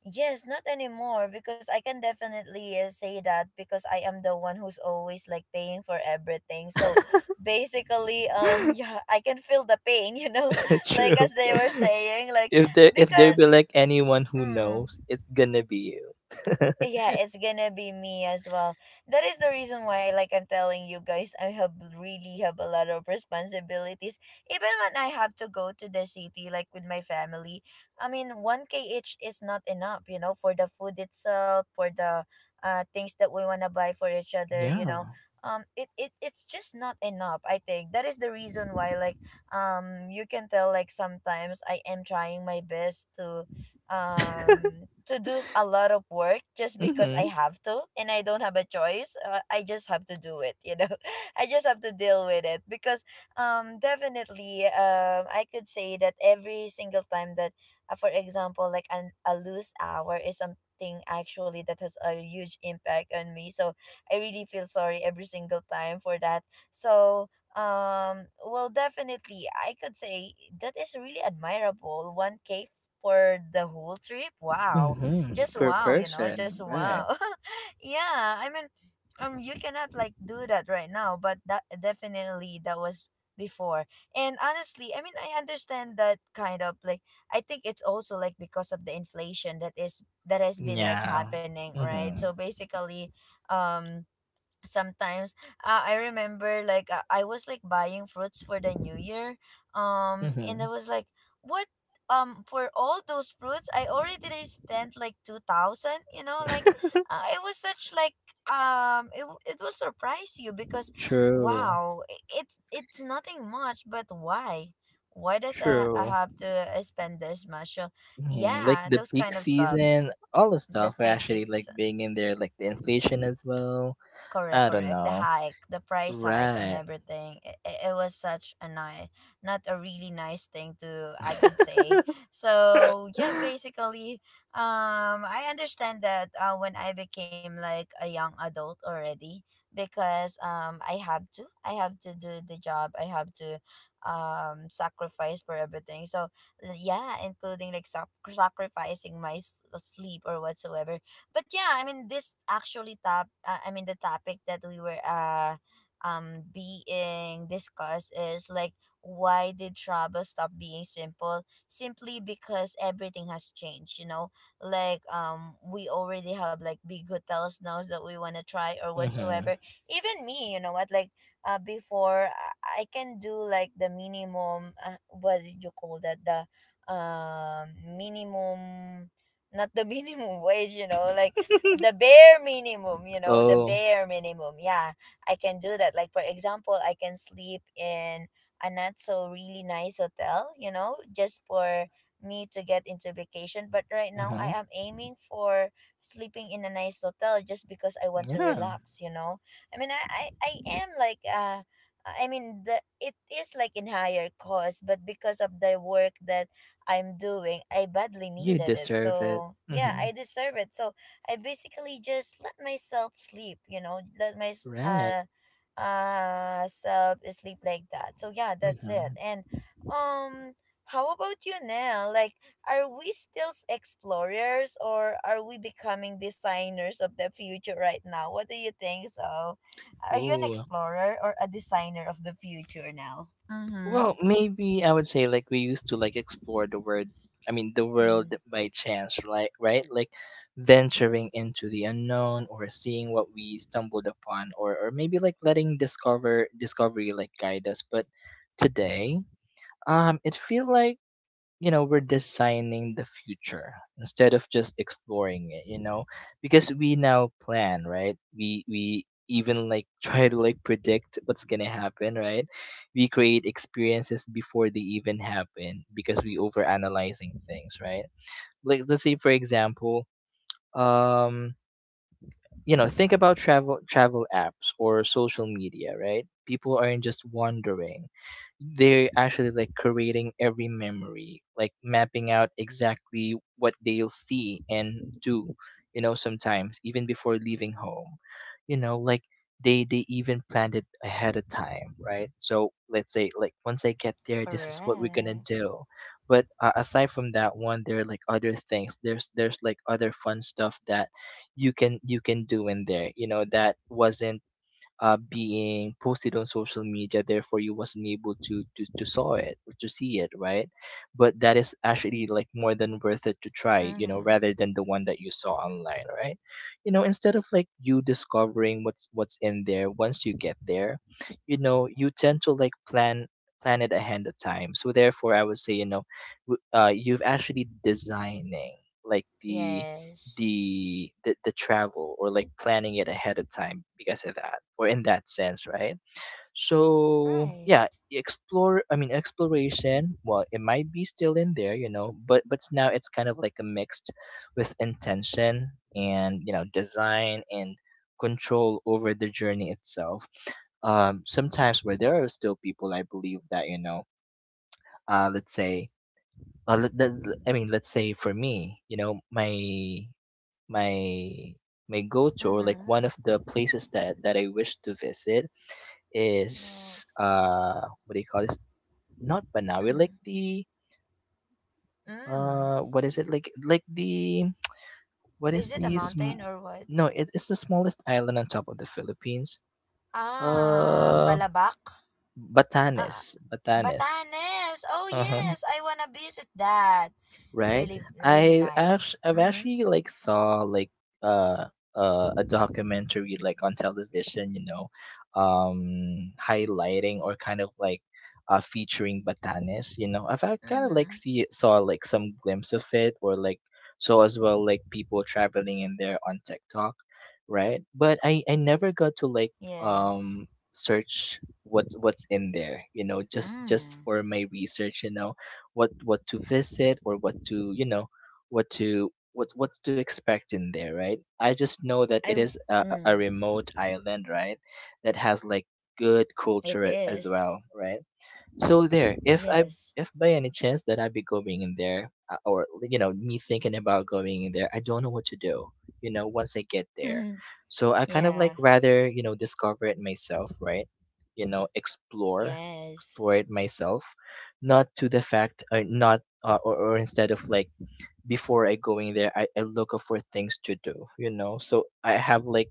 A: yes, not anymore because I can definitely say that because I am the one who's always like paying for everything. So basically, yeah, I can feel the pain, like
B: True.
A: as they were saying, like
B: If there
A: because
B: be like anyone who
A: mm,
B: knows it's gonna be you.
A: yeah, it's gonna be me as well. That is the reason why, like, I'm telling you guys, I have really have a lot of responsibilities even when I have to go to the city like with my family. I mean, 1kh is not enough, you know, for the food itself, for the things that we want to buy for each other,
B: Yeah.
A: it it's just not enough. I think that is the reason why, like, you can tell, like, sometimes I am trying my best to do a lot of work just because I
B: Hmm.
A: have to and I don't have a choice. I just have to do it, I just have to deal with it because definitely I could say that every single time that for example, like a loose hour is something actually that has a huge impact on me. So I really feel sorry every single time for that. So well, definitely, I could say that is really admirable. 1K for the whole trip. Wow.
B: Mhm,
A: Just
B: per
A: wow, you know, just
B: person, right.
A: wow. Yeah, I mean, you cannot like do that right now, but that definitely that was before. And honestly, I mean, I understand that kind of like I think it's also like because of the inflation that is that has been like
B: Yeah.
A: happening, right? So
B: Mhm,
A: basically, um sometimes I remember, like, I was like buying fruits for the new year and I
B: mhm.
A: was like what for all those fruits I already like spent like 2000, you know, like it was such like it will surprise you because
B: True,
A: wow, it's nothing much but why does I
B: true.
A: have to spend this much. So
B: Mhm, like
A: yeah,
B: the
A: those
B: peak
A: kind of stuffs,
B: season, all the
A: the
B: stuff
A: peak
B: actually like
A: season.
B: being in there, like the inflation as well.
A: Correct,
B: I don't
A: correct. The
B: know.
A: hike, the price hike, and
B: Right.
A: everything. It was such a nice, not a really nice thing to, I could say. So, yeah, basically, I understand that when I became like a young adult already, because I have to do the job, I have to sacrifice for everything. So yeah, including like sacrificing my sleep or whatsoever. But yeah, I mean, this actually top I mean the topic that we were being discussed is like why did travel stop being simple? Simply because everything has changed, you know? Like we already have like big hotels now that we wanna try or
B: Mhm.
A: whatsoever. Even me, you know what, like before I can do like the minimum what did you call that? The minimum, not the minimum wage, you know, like the bare minimum, you know, the
B: Oh.
A: bare minimum. Yeah, I can do that. Like, for example, I can sleep in a not so really nice hotel, you know, just for me to get into vacation. But right
B: Uh
A: now, I
B: huh.
A: am aiming for sleeping in a nice hotel just because I want to
B: Yeah.
A: relax, you know. I mean, I am like, I mean, it is like in higher cost, but because of the work that I'm doing, I badly
B: You
A: needed it.
B: deserve it.
A: So, yeah,
B: Mhm.
A: I deserve it. So, I basically just let myself sleep, you know, let my
B: Right.
A: self sleep like that. So, yeah, that's it.
B: Mhm.
A: And um how about you now? Like, are we still explorers or are we becoming designers of the future right now? What do you think so? Are you an
B: Ooh.
A: explorer or a designer of the future now? Mm-hmm.
B: Well, maybe I would say like we used to like explore the word I mean the world
A: Mm,
B: by chance, right? Like venturing into the unknown or seeing what we stumbled upon or maybe like letting discovery like guide us. But today, it feel like you know we're designing the future instead of just exploring it, you know, because we now plan, right? We even like try to like predict what's gonna happen, right? We create experiences before they even happen because we overanalyzing things, right? Like let's say for example, um you know think about travel apps or social media, right? People aren't just wandering, they're actually like creating every memory, like mapping out exactly what they'll see and do, you know, sometimes even before leaving home, you know, like they even planned it ahead of time, right? So let's say like once I get there, this is what we're gonna
A: correct.
B: do. But aside from that one there are like other things, there's like other fun stuff that you can do in there, you know, that wasn't being posted on social media, therefore you wasn't able to saw it or to see it, right? But that is actually like more than worth it to try, you know,
A: Mm-hmm.
B: rather than the one that you saw online, right? You know, instead of like you discovering what's in there once you get there, you know, you tend to like plan it ahead of time so therefore I would say, you know, you've actually designing like
A: Yes.
B: the travel or like planning it ahead of time because of that or in that sense, right? So
A: Right.
B: yeah explore I mean exploration, well it might be still in there, you know, but now it's kind of like a mixed with intention and you know design and control over the journey itself. Sometimes where there are still people I believe that you know let's say I mean, let's say for me, you know, my my go-to or like
A: Mm-hmm.
B: one of the places that I wish to visit is
A: Yes.
B: what do you call this? Not Banawi, like
A: Mm-hmm.
B: the
A: Mm.
B: what is it like the what is
A: Is it a
B: the sm-
A: mountain or what?
B: no it's the smallest island on top of the Philippines.
A: Ah,
B: Uh
A: Balabac? Ah, ah,
B: Batanes.
A: Batanes. Oh,
B: Uh-huh.
A: yes. I wanna visit that.
B: Right?
A: Really, really
B: I
A: nice.
B: I've
A: Mm-hmm.
B: actually like saw like uh, a documentary like on television, you know, highlighting or kind of like featuring Batanes, you know. I've kind of like
A: Mm-hmm.
B: see saw like some glimpse of it or like saw as well like people traveling in there on TikTok, right? But I never got to like
A: Yes.
B: um search what's in there, you know, just
A: Mm.
B: for my research, you know, what to visit or what to, you know, what to expect in there, right? I just know that
A: I,
B: it is
A: mm,
B: a remote island, right, that has like good culture
A: it
B: as
A: is.
B: well, right? So there,
A: Yes.
B: if by any chance that I be going in there or like, you know me thinking about going in there, I don't know what to do. You know, once I get there, so I kind of like
A: Yeah.
B: rather you know discover it myself, right? You know,
A: Yes.
B: explore it myself, not to the fact, not or or instead of like before I go in there, I look for things to do. You know, so I have like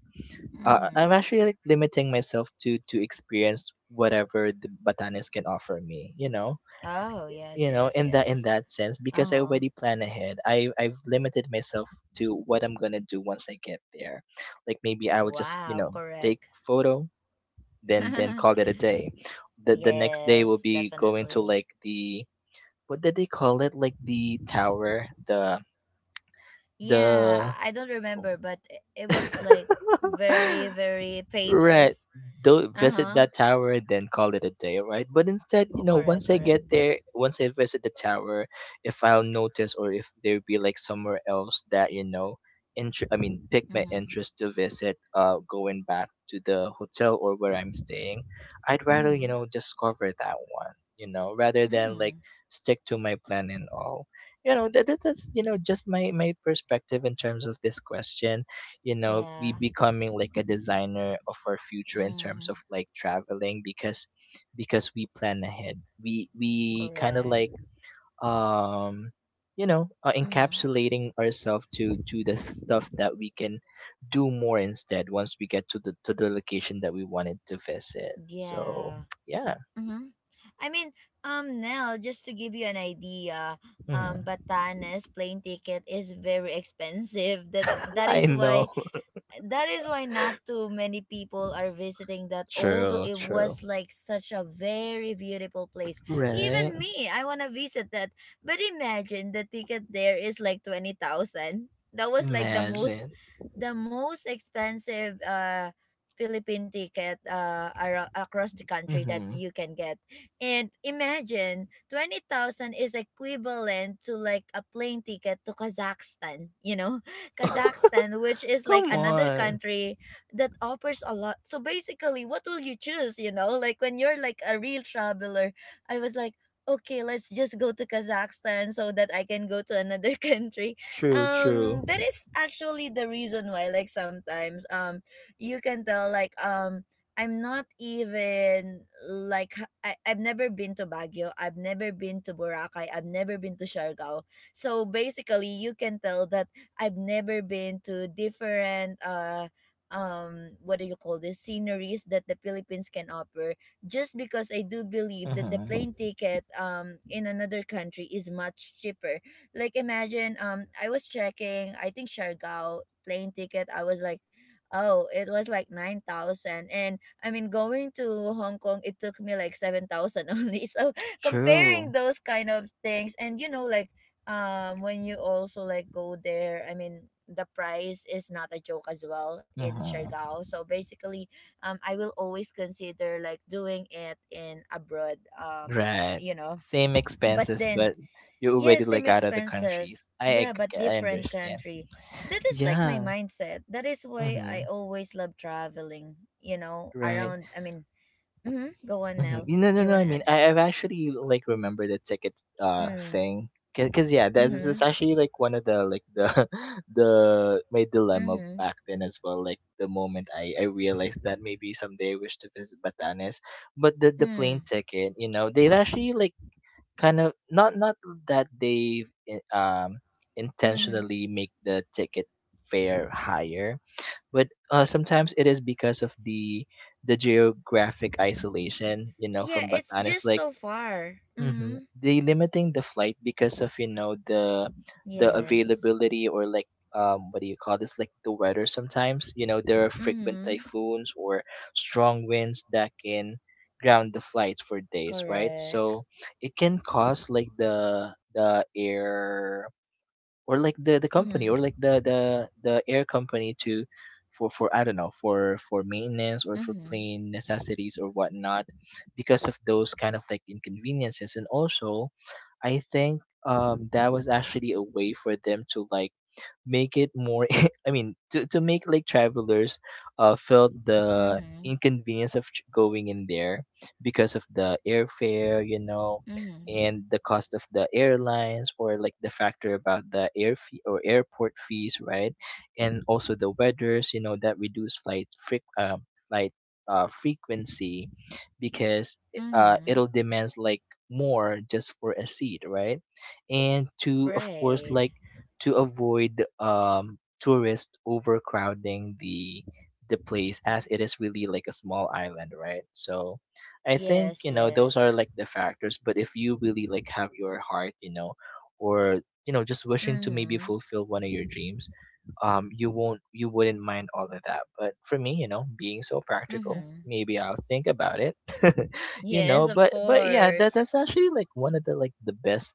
B: I'm
A: Mm-hmm.
B: actually like limiting myself to experience whatever the Batanes can offer me.
A: Oh, yes,
B: You know,
A: yes,
B: in
A: yes.
B: that sense, because I
A: Uh-huh.
B: already plan ahead. I've limited myself to what I'm gonna do once I get there. Like maybe I will just you
A: Wow,
B: know take
A: correct.
B: photo, then call it a day. The next day will
A: Yes,
B: be going to
A: definitely.
B: like the what did they call it? Like the tower, the the.
A: Yeah, I don't remember,
B: Oh.
A: but it was like very, very
B: Right.
A: famous.
B: Don't
A: Uh
B: visit
A: huh.
B: that tower, then call it a day, right? But instead, you
A: Oh,
B: know,
A: correct,
B: once I
A: correct.
B: get there, once I visit the tower, if I'll notice or if there be like somewhere else that, you know, I mean, pick
A: Mm
B: my
A: hmm.
B: interest to visit, going back to the hotel or where I'm staying, I'd
A: Mm
B: rather,
A: hmm.
B: you know, discover that one, you know, rather than like
A: Mm.
B: stick to my plan and all. That's just my perspective in terms of this question, you know be
A: Yeah.
B: becoming like a designer of our future in terms of
A: Mm.
B: like traveling, because we plan ahead. We kind of
A: Correct.
B: like, um
A: Mm.
B: encapsulating ourselves to the stuff that we can do more instead, once we get to the location that we wanted to visit, so
A: Yeah.
B: yeah.
A: Mm-hmm. I mean, Nell, just to give you an idea,
B: Mhm.
A: Batanes plane ticket is very expensive. That
B: I
A: is
B: know.
A: why, that is why not too many people are visiting that, although
B: True,
A: it
B: true.
A: was like such a very beautiful place.
B: Right.
A: Even me, I want to visit that, but imagine the ticket there is like 20,000. That was like the
B: Imagine.
A: most, the most expensive philippine ticket across the country that
B: Hmm.
A: you can get. And imagine 20,000 is equivalent to like a plane ticket to Kazakhstan, you know, Kazakhstan, which is like
B: Come
A: another
B: on.
A: country that offers a lot. So basically, what will you choose? You know, like when you're like a real traveler, I was like, okay, let's just go to Kazakhstan so that I can go to another country.
B: True, true.
A: That is actually the reason why, like sometimes, you can tell like. I'm not even like I've never been to Baguio. I've never been to Boracay. I've never been to Siargao. So basically, you can tell that I've never been to different what do you call this sceneries that the Philippines can offer, just because I do believe that the
B: Uh-huh.
A: plane ticket in another country is much cheaper. Like imagine I was checking, I think Siargao plane ticket, I was like, oh, it was like 9,000. And I mean going to Hong Kong it took me like 7,000 only. So
B: True.
A: comparing those kind of things, and you know like when you also like go there, I mean the price is not a joke as well in
B: Uh-huh.
A: Siargao. So basically, I will always consider like doing it in abroad.
B: Right.
A: You know,
B: Same
A: but
B: expenses,
A: then
B: but you're
A: yeah,
B: already
A: same
B: like out of the countries.
A: expenses.
B: I
A: Yeah, but
B: ag- I
A: different
B: understand.
A: country. That is like my
B: Yeah.
A: mindset. That is why I
B: Mm-hmm.
A: always love traveling. You know,
B: Right.
A: around. I mean, mm-hmm, go on,
B: Mm-hmm.
A: Nell.
B: No, no,
A: You
B: no.
A: wanna
B: I mean,
A: add?
B: I've actually like remember the ticket
A: Mm,
B: thing. 'Cause, yeah, that is
A: mm-hmm.
B: is actually like one of the like the the my dilemma
A: Mm-hmm.
B: back then as well. Like the moment I realized that maybe someday I wish to visit Batanes, but the plane
A: Mm.
B: ticket, you know, they've actually like kind of not that
A: Mm-hmm.
B: intentionally make the ticket fare higher, but sometimes it is because of the geographic isolation, you know,
A: Yeah,
B: from
A: it's
B: Batanes,
A: just
B: like.
A: so far. Mm-hmm.
B: Mhm. They limiting the flight because of, you know, the
A: Yes.
B: availability, or like, what do you call this, like the weather. Sometimes, you know, there are
A: Mm-hmm.
B: frequent typhoons or strong winds that can ground the flights for days, right?
A: Correct.
B: So it can cause like the air, or like the company,
A: Mm-hmm.
B: or like the air company, to for I don't know, for maintenance, or for
A: Mm-hmm.
B: plain necessities or whatnot, because of those kind of like inconveniences. And also, I think, that was actually a way for them to like make it more, I mean, to make like travelers felt the
A: Mm-hmm.
B: inconvenience of going in there because of the airfare, you know,
A: Mm-hmm.
B: and the cost of the airlines, or like the factor about the air fee or airport fees, right? And also the weathers, you know, that reduce flight frequency, because
A: Mm-hmm.
B: it'll demands like more just for a seat, right? And to, of course,
A: Right.
B: like, to avoid tourists overcrowding the place, as it is really like a small island, right? So I think,
A: Yes,
B: you know, those are
A: yes.
B: like the factors. But if you really like have your heart, you know, or, you know, just wishing to maybe
A: Mm-hmm.
B: fulfill one of your dreams, you wouldn't mind all of that. But for me, you know, being so practical,
A: Mm-hmm.
B: maybe I'll think about it. You
A: Yes,
B: know,
A: of
B: but yeah,
A: course.
B: that's actually like one of the like the best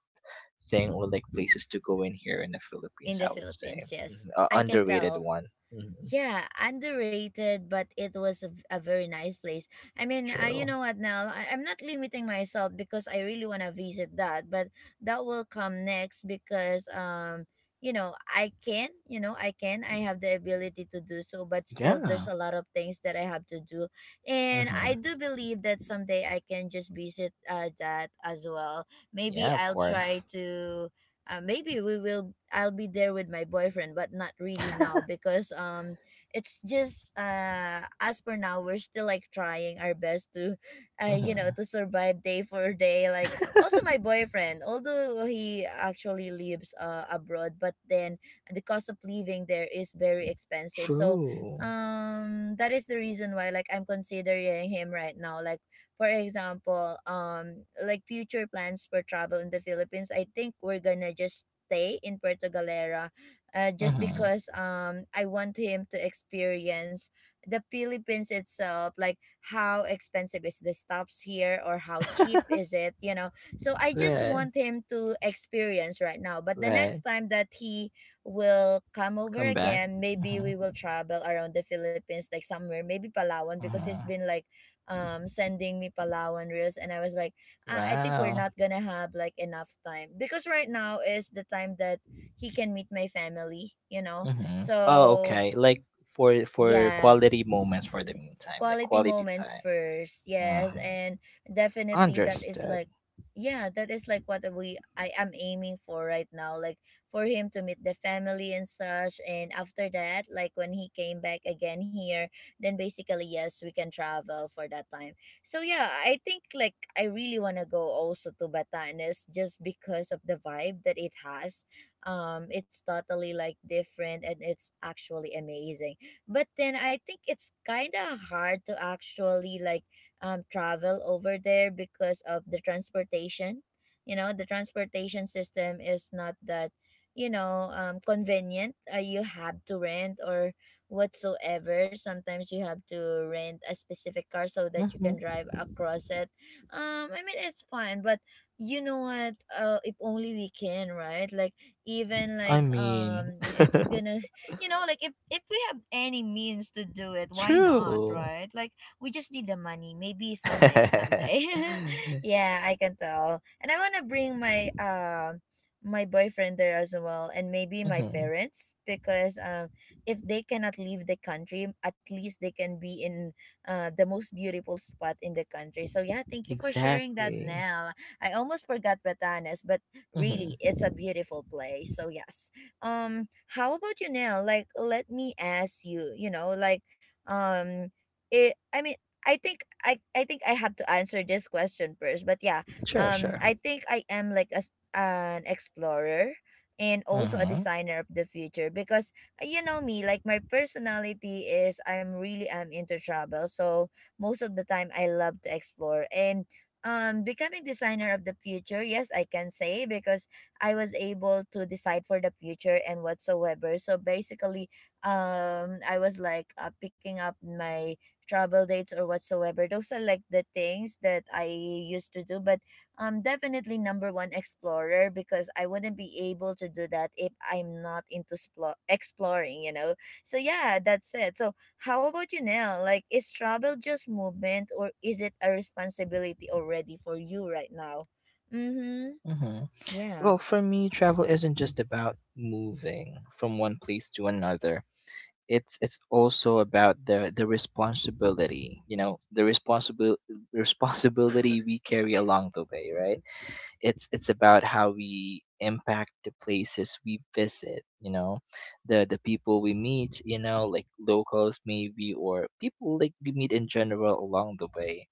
B: thing or like places to go in here in the
A: In
B: Philippines,
A: the
B: I would say.
A: Philippines, yes.
B: Mhm.
A: I can
B: Underrated
A: tell.
B: one. Hmm.
A: Yeah, underrated, but it was a very nice place. I mean, you
B: True.
A: know what, Nell? I'm not limiting myself because I really want to visit that, but that will come next because, you know, I can, you know, I can. I have the ability to do so, but still, there's
B: Yeah.
A: a lot of things that I have to do. And I
B: Hmm.
A: do believe that someday I can just visit that as well. Maybe
B: Yeah, of
A: I'll
B: course.
A: try to maybe we will, I'll be there with my boyfriend, but not really now because it's just as per now we're still like trying our best to you know,
B: Hmm.
A: to survive day for day. Like also my boyfriend, although he actually lives abroad, but then the cost of living there is very expensive. So
B: True.
A: that is the reason why, like, I'm considering him right now. Like, for example, like future plans for travel in the Philippines, I think we're gonna just stay in Puerto Galera, just
B: Hmm.
A: because I want him to experience the Philippines itself, like how expensive is the stops here or how cheap is it, you know. So I just
B: Right.
A: want him to experience right now. But the next
B: Right.
A: time that he will come over
B: Come back.
A: again, maybe
B: Hmm.
A: we will travel around the Philippines, like somewhere, maybe Palawan, because it's
B: Hmm.
A: been like sending me Palawan reels, and I was like, ah, I think we're
B: Wow.
A: not gonna have like enough time because right now is the time that he can meet my family, you know.
B: Hmm. Oh,
A: So
B: okay. Like, for
A: yeah,
B: quality moments for the meantime, like
A: quality
B: quality
A: moments
B: time.
A: first, yes.
B: Hmm.
A: And definitely that is
B: Understood.
A: like, yeah, that is like what we I am aiming for right now. Like, for him to meet the family and such, and after that, like when he came back again here, then basically, yes, we can travel for that time. So yeah, I think like I really want to go also to Batanes just because of the vibe that it has. It's totally like different and it's actually amazing. But then I think it's kind of hard to actually like travel over there because of the transportation. You know, the transportation system is not that, you know, convenient. You have to rent or whatsoever. Sometimes you have to rent a specific car so that you
B: Hmm.
A: can drive across it. I mean, it's fun, but you know what, if only we can, right? Like even
B: I
A: like
B: mean,
A: it's gonna, you know, like if we have any means to do it, why not,
B: true.
A: right? Like we just need the money. Maybe someday, someday. Yeah, I can tell. And I want to bring my my boyfriend there as well, and maybe my
B: Hmm.
A: parents, because if they cannot leave the country, at least they can be in the most beautiful spot in the country. So yeah, thank you for sharing that,
B: Exactly.
A: Nell. I almost forgot Batanes, but
B: Hmm.
A: really, it's a beautiful place. So yes. um how about you now? Like, let me ask you, you know like um it I mean i think I think I have to answer this question first, but yeah.
B: Sure, sure.
A: I think I am like as an explorer and also a
B: Hmm.
A: designer of the future because you know me, like my personality is I'm really am into travel. So most of the time I love to explore and becoming designer of the future, yes, I can say because I was able to decide for the future and whatsoever. So basically, I was like picking up my travel dates or whatsoever. Those are like the things that I used to do. But definitely number one explorer, because I wouldn't be able to do that if I'm not into exploring. You know. So yeah, that's it. So how about you, Nell? Like, is travel just movement or is it a responsibility already for you right now? Mm-hmm.
B: Hmm.
A: Yeah.
B: Well, for me, travel isn't just about moving from one place to another. It's also about the responsibility, you know, the responsible responsibility we carry along the way, right? It's about how we impact the places we visit, you know, the people we meet, you know, like locals, maybe, or people like we meet in general along the way.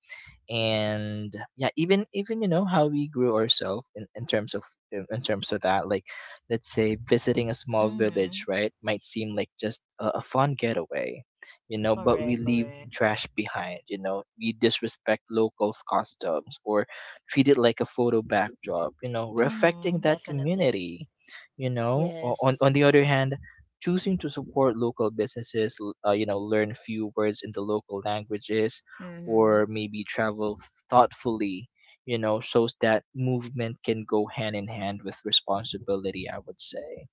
B: And yeah, even, you know, how we grew ourselves in terms of in terms of that, like, let's say visiting a small village,
A: Mm-hmm.
B: right, might seem like just a fun getaway, you know, but we
A: Correct,
B: leave
A: correct.
B: trash behind. You know, we disrespect locals customs or treat it like a photo backdrop. You know, we're affecting
A: Mm-hmm.
B: that
A: Definitely.
B: community. You know, O- on,
A: Yes.
B: on the other hand, choosing to support local businesses, you know, learn few words in the local languages,
A: Mm-hmm.
B: or maybe travel thoughtfully, you know, shows that movement can go hand in hand with responsibility, I would say.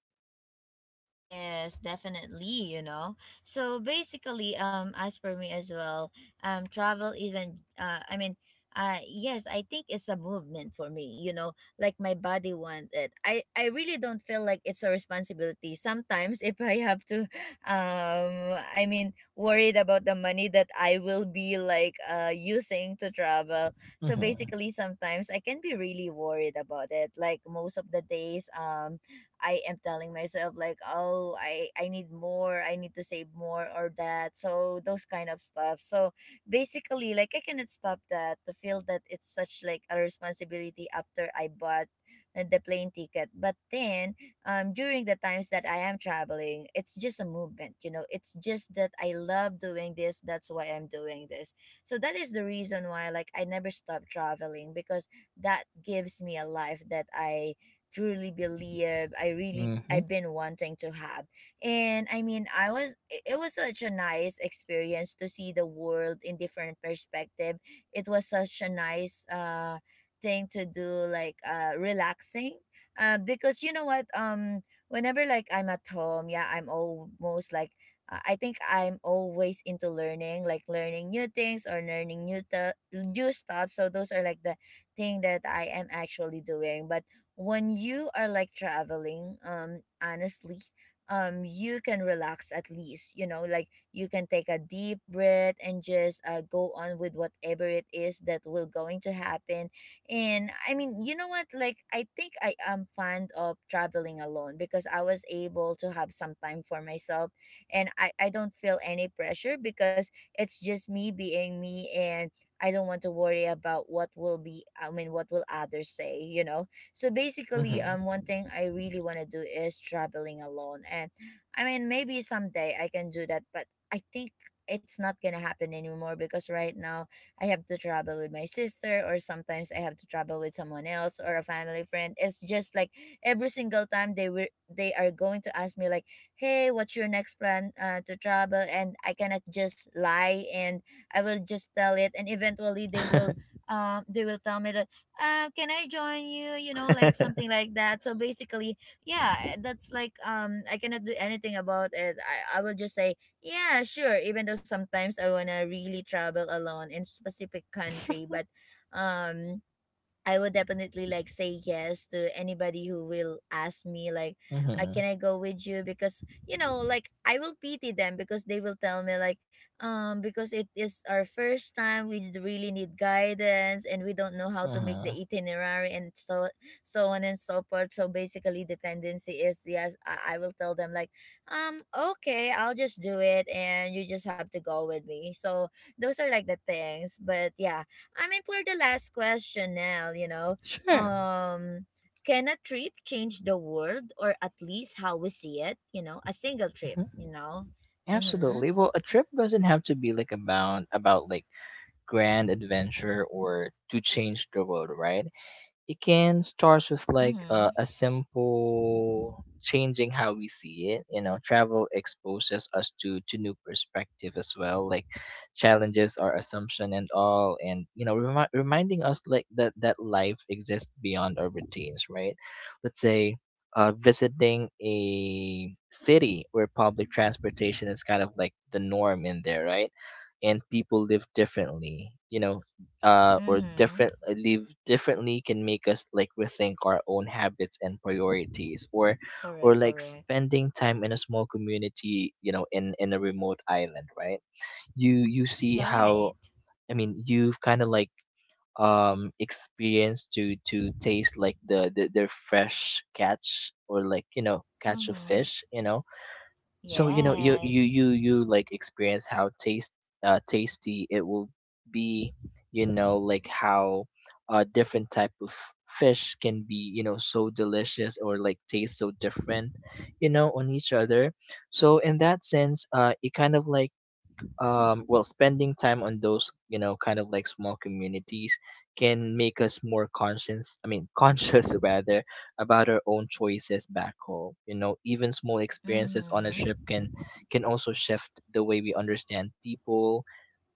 A: Yes, definitely, you know. So basically, as for me as well, travel isn't, I mean, yes, I think it's a movement for me, you know, like my body want it. I really don't feel like it's a responsibility. Sometimes if I have to, I mean, worried about the money that I will be like, using to travel. So
B: Mhm.
A: basically, sometimes I can be really worried about it. Like most of the days, I am telling myself like, oh, I need more, I need to save more or that. So those kind of stuff. So basically, like I cannot stop that to feel that it's such like a responsibility after I bought the plane ticket. But then, during the times that I am traveling, it's just a movement. You know, it's just that I love doing this. That's why I'm doing this. So that is the reason why, like, I never stop traveling, because that gives me a life that I truly believe I really
B: Mhm.
A: I've been wanting to have. And I mean, I was it was such a nice experience to see the world in different perspective. It was such a nice thing to do, like relaxing, because you know what, whenever like I'm at home, yeah, I'm almost like I think I'm always into learning, like learning new things or learning new new stuff. So those are like the thing that I am actually doing. But when you are like traveling, honestly, you can relax at least, you know, like you can take a deep breath and just go on with whatever it is that will going to happen. And I mean, you know what, like I think I am fond of traveling alone because I was able to have some time for myself. And I don't feel any pressure because it's just me being me. And I don't want to worry about what will be, I mean, what will others say, you know. So basically,
B: Mhm.
A: one thing I really want to do is traveling alone. And I mean, maybe someday I can do that, but I think it's not gonna happen anymore because right now I have to travel with my sister, or sometimes I have to travel with someone else or a family friend. It's just like every single time they are going to ask me like, "Hey, what's your next plan to travel?" And I cannot just lie, and I will just tell it, and eventually they will tell me that can I join you? You know, like something like that. So basically, yeah, that's like, I cannot do anything about it. I will just say yeah, sure. Even though sometimes I wanna really travel alone in specific country, but um I would definitely like say yes to anybody who will ask me like,
B: Mhm.
A: "Can I go with you?" Because you know, like I will pity them because they will tell me like, because it is our first time, we really need guidance and we don't know how to make the
B: Mhm.
A: itinerary and so on and so forth. So basically, the tendency is yes, I will tell them like, um, okay, I'll just do it, and you just have to go with me. So those are like the things, but yeah, I mean, for the last question, Nell, you know,
B: Sure.
A: um, can a trip change the world, or at least how we see it? You know, a single trip,
B: Mhm.
A: you know? Mm-hmm.
B: Absolutely. Well, a trip doesn't have to be like about like grand adventure or to change the world, right? It can start with like,
A: Mm-hmm.
B: a simple changing how we see it. You know, travel exposes us to new perspective as well, like challenges our assumption and all, and you know, reminding us like that life exists beyond our routines, right? Let's say. Visiting a city where public transportation is kind of like the norm in there, right? And people live differently. You know, or
A: Mm-hmm.
B: different live differently can make us like rethink our own habits and priorities, or
A: Correct,
B: like
A: correct.
B: spending time in a small community, you know, in a remote island, right? You see
A: You're right.
B: how, I mean, you've kind of like, experienced to taste like the their fresh catch, or like, you know, catch of
A: Mm-hmm.
B: fish, you know. So, you know, you you
A: Yes.
B: you you like experience how taste tasty it will be, you know, like how different type of fish can be, you know, so delicious, or like taste so different, you know, on each other. So in that sense, it kind of like, well, spending time on those, you know, kind of like small communities, can make us more conscious, I mean, conscious rather, about our own choices back home. You know, even small experiences on a trip
A: Mm-hmm.
B: can also shift the way we understand people,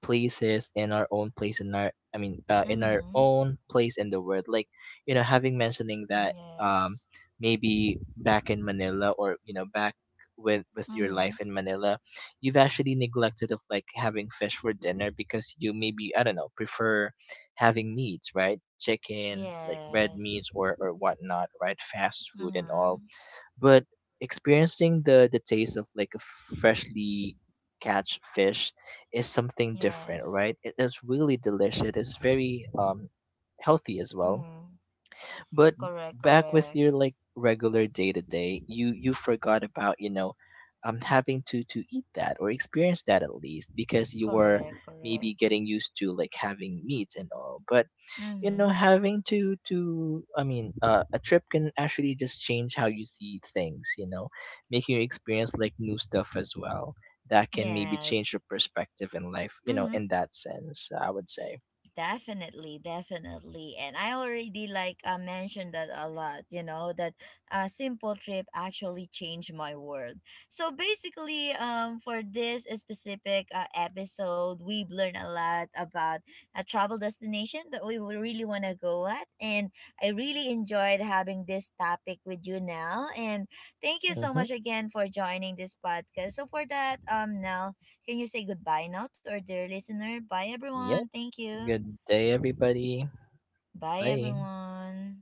B: places in our own place in our I mean in our
A: Mm-hmm.
B: own place in the world, like, you know, having mentioning that,
A: Yes.
B: maybe back in Manila, or you know, back with your
A: Mm-hmm.
B: life in Manila, you've actually neglected of like having fish for dinner, because you maybe, I don't know, prefer having meats, right? Chicken like red meats,
A: Yes.
B: or whatnot, right? Fast food and all.
A: Mm-hmm.
B: But experiencing the taste of like a freshly catch fish is something different,
A: Yes.
B: right? It is really delicious. It's very, healthy as well.
A: Mm-hmm.
B: But
A: Correct,
B: back with
A: correct.
B: your like regular day to day, you forgot about, you know, having to eat that or experience that, at least because you were
A: Correct, correct.
B: maybe getting used to like having meats and all. But, you know
A: Mm-hmm.
B: having to I mean a trip can actually just change how you see things, you know, making you experience like new stuff as well that can maybe change
A: Yes.
B: your perspective in life. You know,
A: Hmm.
B: in that sense, I would say.
A: Definitely, definitely. And I already like mentioned that a lot, you know, that a simple trip actually changed my world. So basically, for this specific episode, we've learned a lot about a travel destination that we would really want to go at. And I really enjoyed having this topic with you now, and thank you so
B: Mm-hmm.
A: much again for joining this podcast. So for that, now can you say goodbye now to our dear listener? Bye, everyone.
B: Yep.
A: Thank you.
B: Good day, everybody.
A: Bye,
B: Bye.
A: everyone.